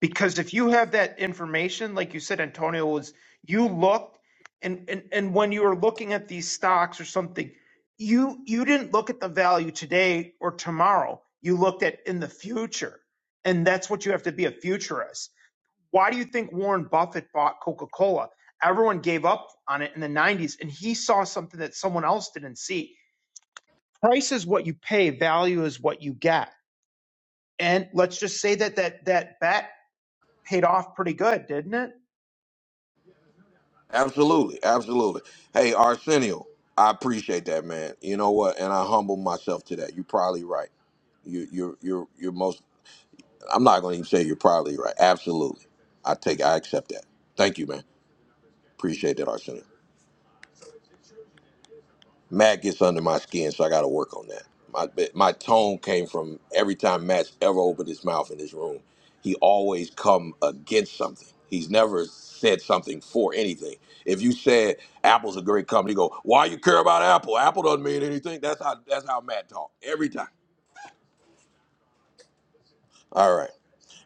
[SPEAKER 12] Because if you have that information, like you said, Antonio, was you looked and, and, and when you were looking at these stocks or something, you you didn't look at the value today or tomorrow. You looked at in the future. And that's what you have to be a futurist Why do you think Warren Buffett bought Coca Cola? Everyone gave up on it in the 90s, and he saw something that someone else didn't see. Price is what you pay, value is what you get. And let's just say that that, that bet paid off pretty good, didn't it?
[SPEAKER 1] Absolutely, absolutely. Hey, Arsenio, I appreciate that, man. You know what? And I humble myself to that. You're probably right. You, you're, you're, you're most. I'm not going to even say you're probably right. Absolutely, I take, I accept that. Thank you, man. Appreciate that, Arsenio. Matt gets under my skin, so I got to work on that. My my tone came from every time Matt's ever opened his mouth in this room, he always come against something. He's never said something for anything. If you said Apple's a great company, you go, why you care about Apple? Apple doesn't mean anything. That's how that's how Matt talk every time. All right.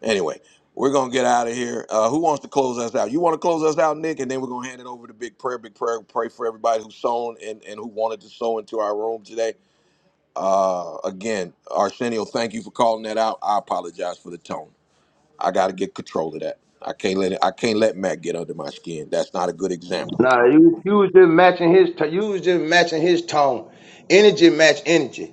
[SPEAKER 1] Anyway, we're gonna get out of here. Uh, who wants to close us out? You want to close us out, Nick, and then we're gonna hand it over to Big Prayer. Big Prayer, pray for everybody who sown and, and who wanted to sow into our room today. Uh, again, Arsenio, thank you for calling that out. I apologize for the tone. I got to get control of that. I can't let it, I can't let Matt get under my skin. That's not a good example.
[SPEAKER 16] Nah, you you was just matching his t- you was just matching his tone. Energy match energy.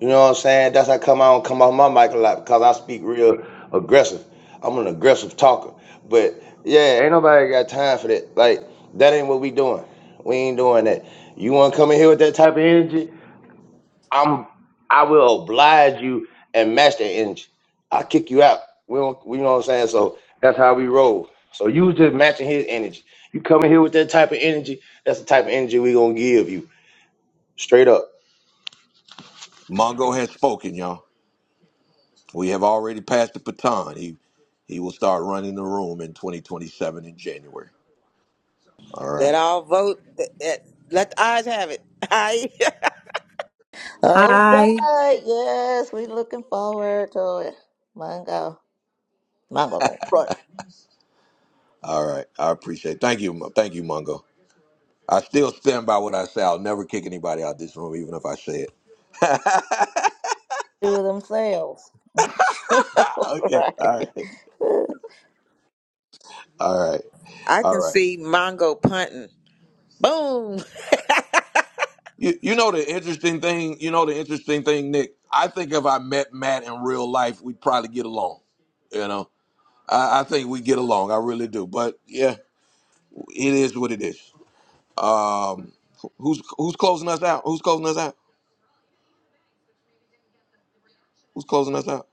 [SPEAKER 16] You know what I'm saying? That's how come I don't come off my mic a lot because I speak real aggressive. I'm an aggressive talker. But yeah, ain't nobody got time for that. Like that ain't what we doing. We ain't doing that. You want to come in here with that type of energy? I'm I will oblige you and match that energy. I kick you out. We don't we you know what I'm saying? So that's how we roll. So you just matching his energy. You coming here with that type of energy, that's the type of energy we gonna give you. Straight up.
[SPEAKER 1] Mongo has spoken, y'all. We have already passed the baton. He he will start running the room in 2027 in January. All right,
[SPEAKER 5] let all vote. That, that, let the eyes have it. <laughs> I
[SPEAKER 4] All
[SPEAKER 2] I
[SPEAKER 4] right, yes, we looking forward to it. Mango, mango gonna run
[SPEAKER 1] all right. I appreciate. It. Thank you, Mo- thank you, Mongo. I still stand by what I say. I'll never kick anybody out this room, even if I say it. <laughs>
[SPEAKER 4] through themselves. <laughs> All
[SPEAKER 1] Okay.
[SPEAKER 4] right,
[SPEAKER 1] All right. All right.
[SPEAKER 5] I
[SPEAKER 1] All
[SPEAKER 5] can
[SPEAKER 1] right.
[SPEAKER 5] see Mongo punting. Boom. <laughs>
[SPEAKER 1] You, you know the interesting thing. You know the interesting thing, Nick. I think if I met Matt in real life, we'd probably get along. You know, I, I think we get along. I really do. But yeah, it is what it is. Um, who's who's closing us out? Who's closing us out? Who's closing us out?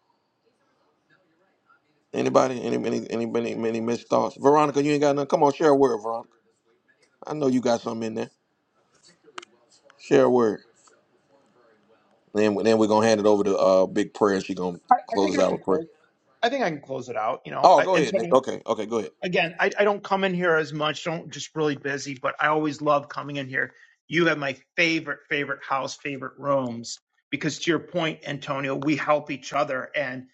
[SPEAKER 1] Anybody? Any any any any, any missed thoughts? Veronica, you ain't got nothing. Come on, share a word, Veronica. I know you got something in there. Share a word. Then then we're gonna hand it over to uh Big Prayer. She gonna
[SPEAKER 12] I, I
[SPEAKER 1] close
[SPEAKER 12] think
[SPEAKER 1] us
[SPEAKER 12] I
[SPEAKER 1] out
[SPEAKER 12] can
[SPEAKER 1] with prayer.
[SPEAKER 12] close. I think I can close it out. You know,
[SPEAKER 1] Oh,
[SPEAKER 12] I,
[SPEAKER 1] go
[SPEAKER 12] and
[SPEAKER 1] ahead, Nick.
[SPEAKER 12] Tony,
[SPEAKER 1] Okay, okay, go ahead.
[SPEAKER 12] again, I, I don't come in here as much. Don't just really busy, but I always love coming in here. You have my favorite, favorite house, favorite rooms because to your point, Antonio, we help each other. And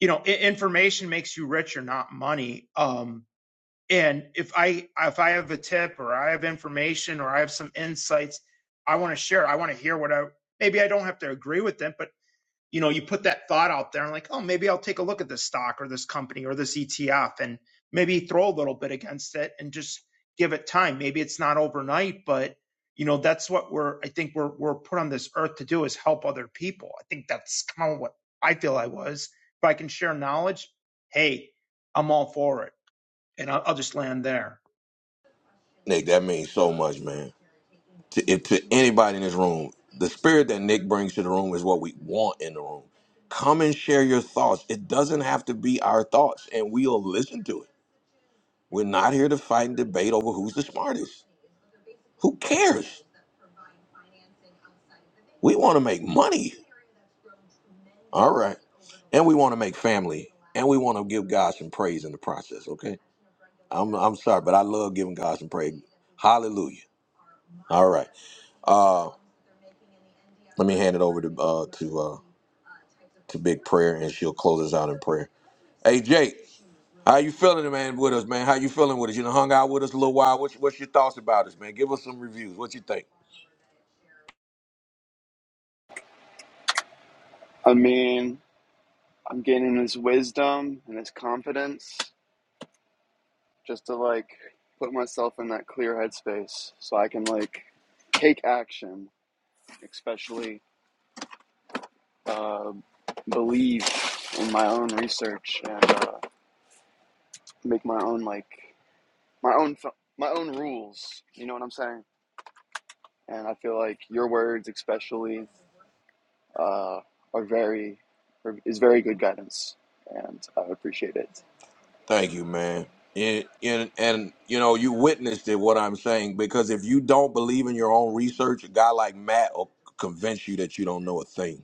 [SPEAKER 12] you know, information makes you richer, not money. Um, and if I if I have a tip or I have information or I have some insights, I want to share. I want to hear what I maybe I don't have to agree with them, but you know, you put that thought out there and like, oh, maybe I'll take a look at this stock or this company or this ETF and maybe throw a little bit against it and just give it time. Maybe it's not overnight, but you know, that's what we're I think we're we're put on this earth to do is help other people. I think that's kind of what I feel I was. If I can share knowledge, hey, I'm all for it. And I'll, I'll just land there.
[SPEAKER 1] Nick, that means so much, man. to, if, to anybody in this room, the spirit that Nick brings to the room is what we want in the room. Come and share your thoughts. It doesn't have to be our thoughts, and we'll listen to it. We're not here to fight and debate over who's the smartest. Who cares? We want to make money. All right. And we want to make family. And we want to give God some praise in the process, okay? I'm, I'm sorry, but I love giving God some praise. Hallelujah. All right. Uh, let me hand it over to uh, to uh, to Big Prayer, and she'll close us out in prayer. Hey Jake, how you feeling, man? With us, man. How you feeling with us? You know, hung out with us a little while. What's what's your thoughts about us, man? Give us some reviews. What you think?
[SPEAKER 13] I mean, I'm gaining his wisdom and his confidence. just to like put myself in that clear headspace so I can like take action, especially uh, believe in my own research and uh, make my own like my own my own rules. You know what I'm saying? And I feel like your words, especially, uh, are very are, is very good guidance, and I appreciate it.
[SPEAKER 1] Thank you, man. And, and and you know, you witnessed it. What I'm saying, because if you don't believe in your own research, a guy like Matt will convince you that you don't know a thing.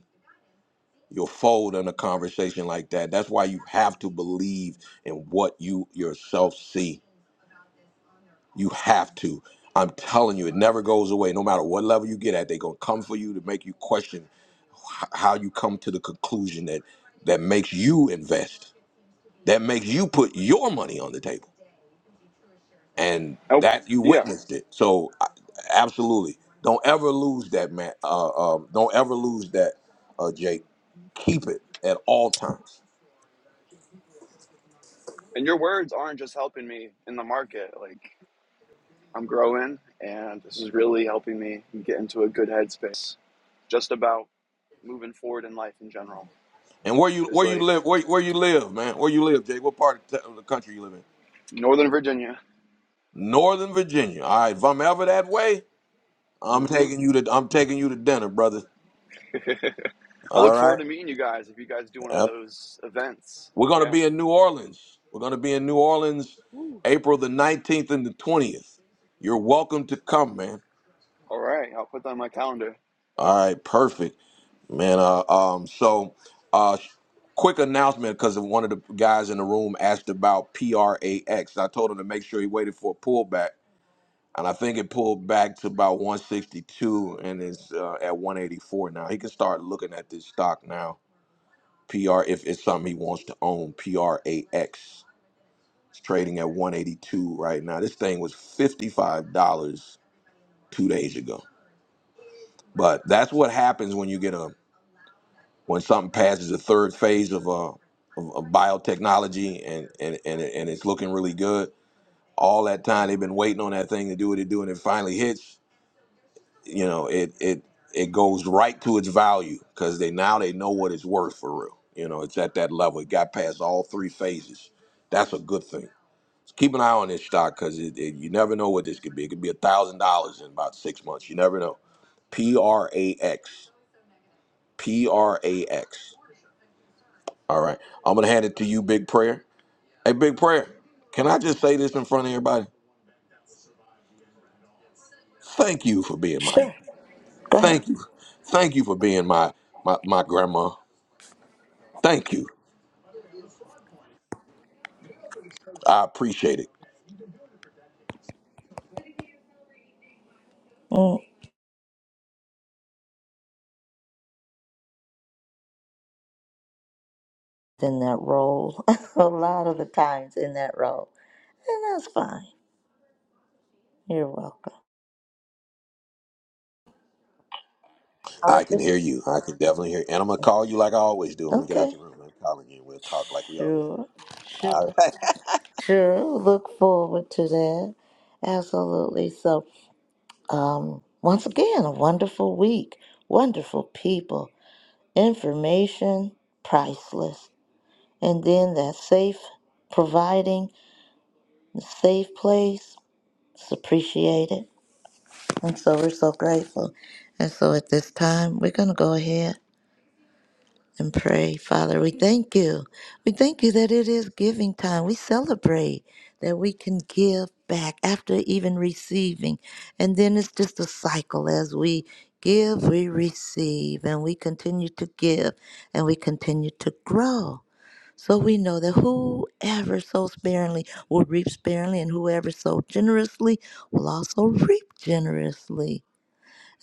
[SPEAKER 1] You'll fold in a conversation like that. That's why you have to believe in what you yourself see. You have to. I'm telling you, it never goes away. No matter what level you get at, they're gonna come for you to make you question how you come to the conclusion that that makes you invest that makes you put your money on the table and
[SPEAKER 13] Oh
[SPEAKER 1] that you
[SPEAKER 13] yeah,
[SPEAKER 1] witnessed it so I- absolutely don't ever lose that man uh, um, don't ever lose that uh, jake keep it at all times
[SPEAKER 13] and your words aren't just helping me in the market, like. I'm growing, and this is really helping me get into a good headspace just about moving forward in life in general.
[SPEAKER 1] and where you
[SPEAKER 13] Because,
[SPEAKER 1] where you
[SPEAKER 13] like,
[SPEAKER 1] live where, where you live man where you live jake what part of the of the country you live in
[SPEAKER 13] Northern Virginia.
[SPEAKER 1] northern virginia all right if i'm ever that way i'm
[SPEAKER 13] hmm
[SPEAKER 1] taking you to i'm taking you to dinner brother
[SPEAKER 13] <laughs> I
[SPEAKER 1] all
[SPEAKER 13] look forward
[SPEAKER 1] right
[SPEAKER 13] to meeting you guys if you guys do one of
[SPEAKER 1] Yep.
[SPEAKER 13] those events.
[SPEAKER 1] We're going to
[SPEAKER 13] Yeah.
[SPEAKER 1] be in New Orleans. We're going to be in New Orleans
[SPEAKER 13] Woo.
[SPEAKER 1] April the 19th and the 20th. You're welcome to come, man.
[SPEAKER 13] All right. I'll put that on my calendar.
[SPEAKER 1] All right, perfect, man. Uh, um, so, uh, quick announcement because one of the guys in the room asked about PRAX. I told him to make sure he waited for a pullback, and I think it pulled back to about 162 and is uh, at 184 now. He can start looking at this stock now. PR if it's something he wants to own. PRAX. It's trading at 182 right now. This thing was $55 two days ago. But that's what happens when you get a when something passes the third phase of uh of, of biotechnology and and and, it, and it's looking really good. All that time they've been waiting on that thing to do what it do, and it finally hits. You know, it it it goes right to its value because they now they know what it's worth for real. You know, it's at that level. It got past all three phases. That's a good thing. Keep an eye on this stock because it, it, you never know what this could be. It could be a thousand dollars in about six months. You never know. P R A X. P R A X. All right. I'm gonna hand it to you, Big Prayer. Hey, Big Prayer. Can I just say this in front of everybody? Thank you for being my.
[SPEAKER 4] sure, go ahead.
[SPEAKER 1] Thank you. Thank you for being my my my grandma. Thank you. I appreciate it.
[SPEAKER 4] Mm, In that role, <laughs> a lot of the times in that role, and that's fine. You're welcome. All
[SPEAKER 1] I
[SPEAKER 4] right,
[SPEAKER 1] can
[SPEAKER 4] good.
[SPEAKER 1] hear you. I can definitely hear. You. And I'm gonna call you like I always do when we get out
[SPEAKER 4] Okay,
[SPEAKER 1] the room. I'm calling you. We'll talk like we always
[SPEAKER 4] sure,
[SPEAKER 1] do.
[SPEAKER 4] sure. Look forward to that. Absolutely. So, um, once again, a wonderful week, wonderful people. information priceless and then that safe providing the safe place it's appreciated and so we're so grateful and so at this time we're going to go ahead and pray father we thank you we thank you that it is giving time we celebrate that we can give back after even receiving and then it's just a cycle as we give we receive and we continue to give and we continue to grow So we know that whoever sows sparingly will reap sparingly, and whoever sows generously will also reap generously.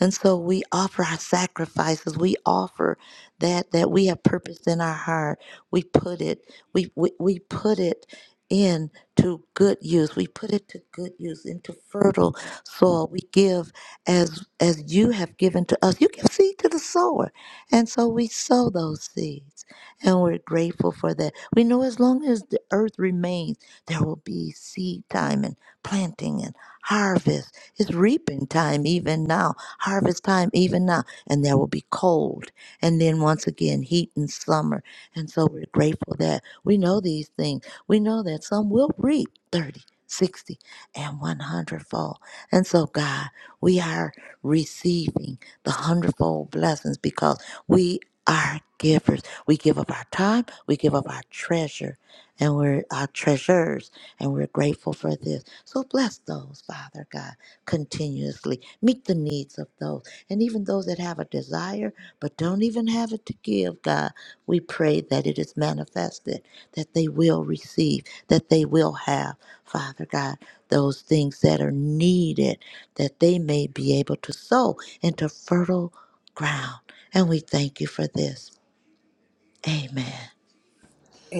[SPEAKER 4] And so we offer our sacrifices. We offer that that we have purpose in our heart. We put it, we we, we put it in to good use. We put it to good use, into fertile soil. We give as as you have given to us. You give seed to the sower. And so we sow those seeds. And we're grateful for that. We know as long as the earth remains, there will be seed time and planting and harvest it's reaping time even now, harvest time even now, and there will be cold, and then once again heat and summer. And so we're grateful that we know these things. We know that some will reap 30, 60, and 100 fold. And so, God, we are receiving the hundredfold blessings because we are givers. We give up our time, we give up our treasure, and we're our treasures, and we're grateful for this. So bless those, Father God continuously meet the needs of those and even those that have a desire but don't even have it to give god we pray that it is manifested that they will receive that they will have father god those things that are needed that they may be able to sow into fertile ground and we thank you for this amen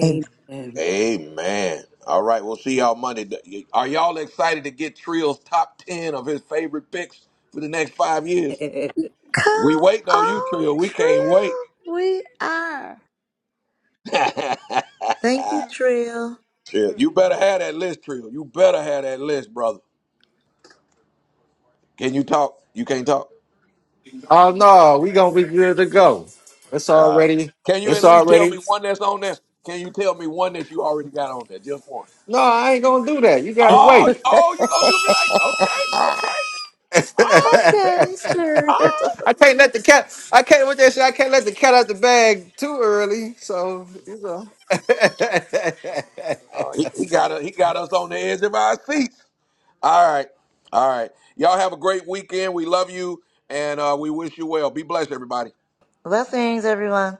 [SPEAKER 4] and
[SPEAKER 1] Amen. All right, we'll see y'all Monday. Are y'all excited to get Trill's top ten of his favorite picks for the next five
[SPEAKER 2] Eh,
[SPEAKER 1] years?
[SPEAKER 2] eh, eh,
[SPEAKER 1] We
[SPEAKER 4] come
[SPEAKER 1] waiting on you,
[SPEAKER 4] on
[SPEAKER 1] Trill. We can't wait.
[SPEAKER 4] trill we are
[SPEAKER 1] <laughs>
[SPEAKER 4] thank you trill
[SPEAKER 1] Trill, you better have that list, Trill. You better have that list, brother. Can you talk? You can't talk.
[SPEAKER 10] Oh no, we gonna be good to go. It's
[SPEAKER 1] All right.
[SPEAKER 10] already,
[SPEAKER 1] Can you at
[SPEAKER 10] it's
[SPEAKER 1] least tell
[SPEAKER 10] already.
[SPEAKER 1] me one that's on there? Can you tell me one that you already got on there? Just one.
[SPEAKER 10] No, I ain't gonna do that. You gotta
[SPEAKER 1] Oh,
[SPEAKER 10] wait.
[SPEAKER 1] you- oh, you
[SPEAKER 4] <laughs>
[SPEAKER 1] gonna do me like okay, okay,
[SPEAKER 10] <laughs> I
[SPEAKER 1] all right,
[SPEAKER 4] okay, cheers.
[SPEAKER 1] all right.
[SPEAKER 10] can't let the cat. I can't with that shit. I can't let the cat out the bag too early. So you know. <laughs>
[SPEAKER 1] Uh, He, he got us, he got us on the edge of our seats. All right, all right. Y'all have a great weekend. We love you, and uh, we wish you well. Be blessed, everybody.
[SPEAKER 4] <laughs> Blessings, everyone.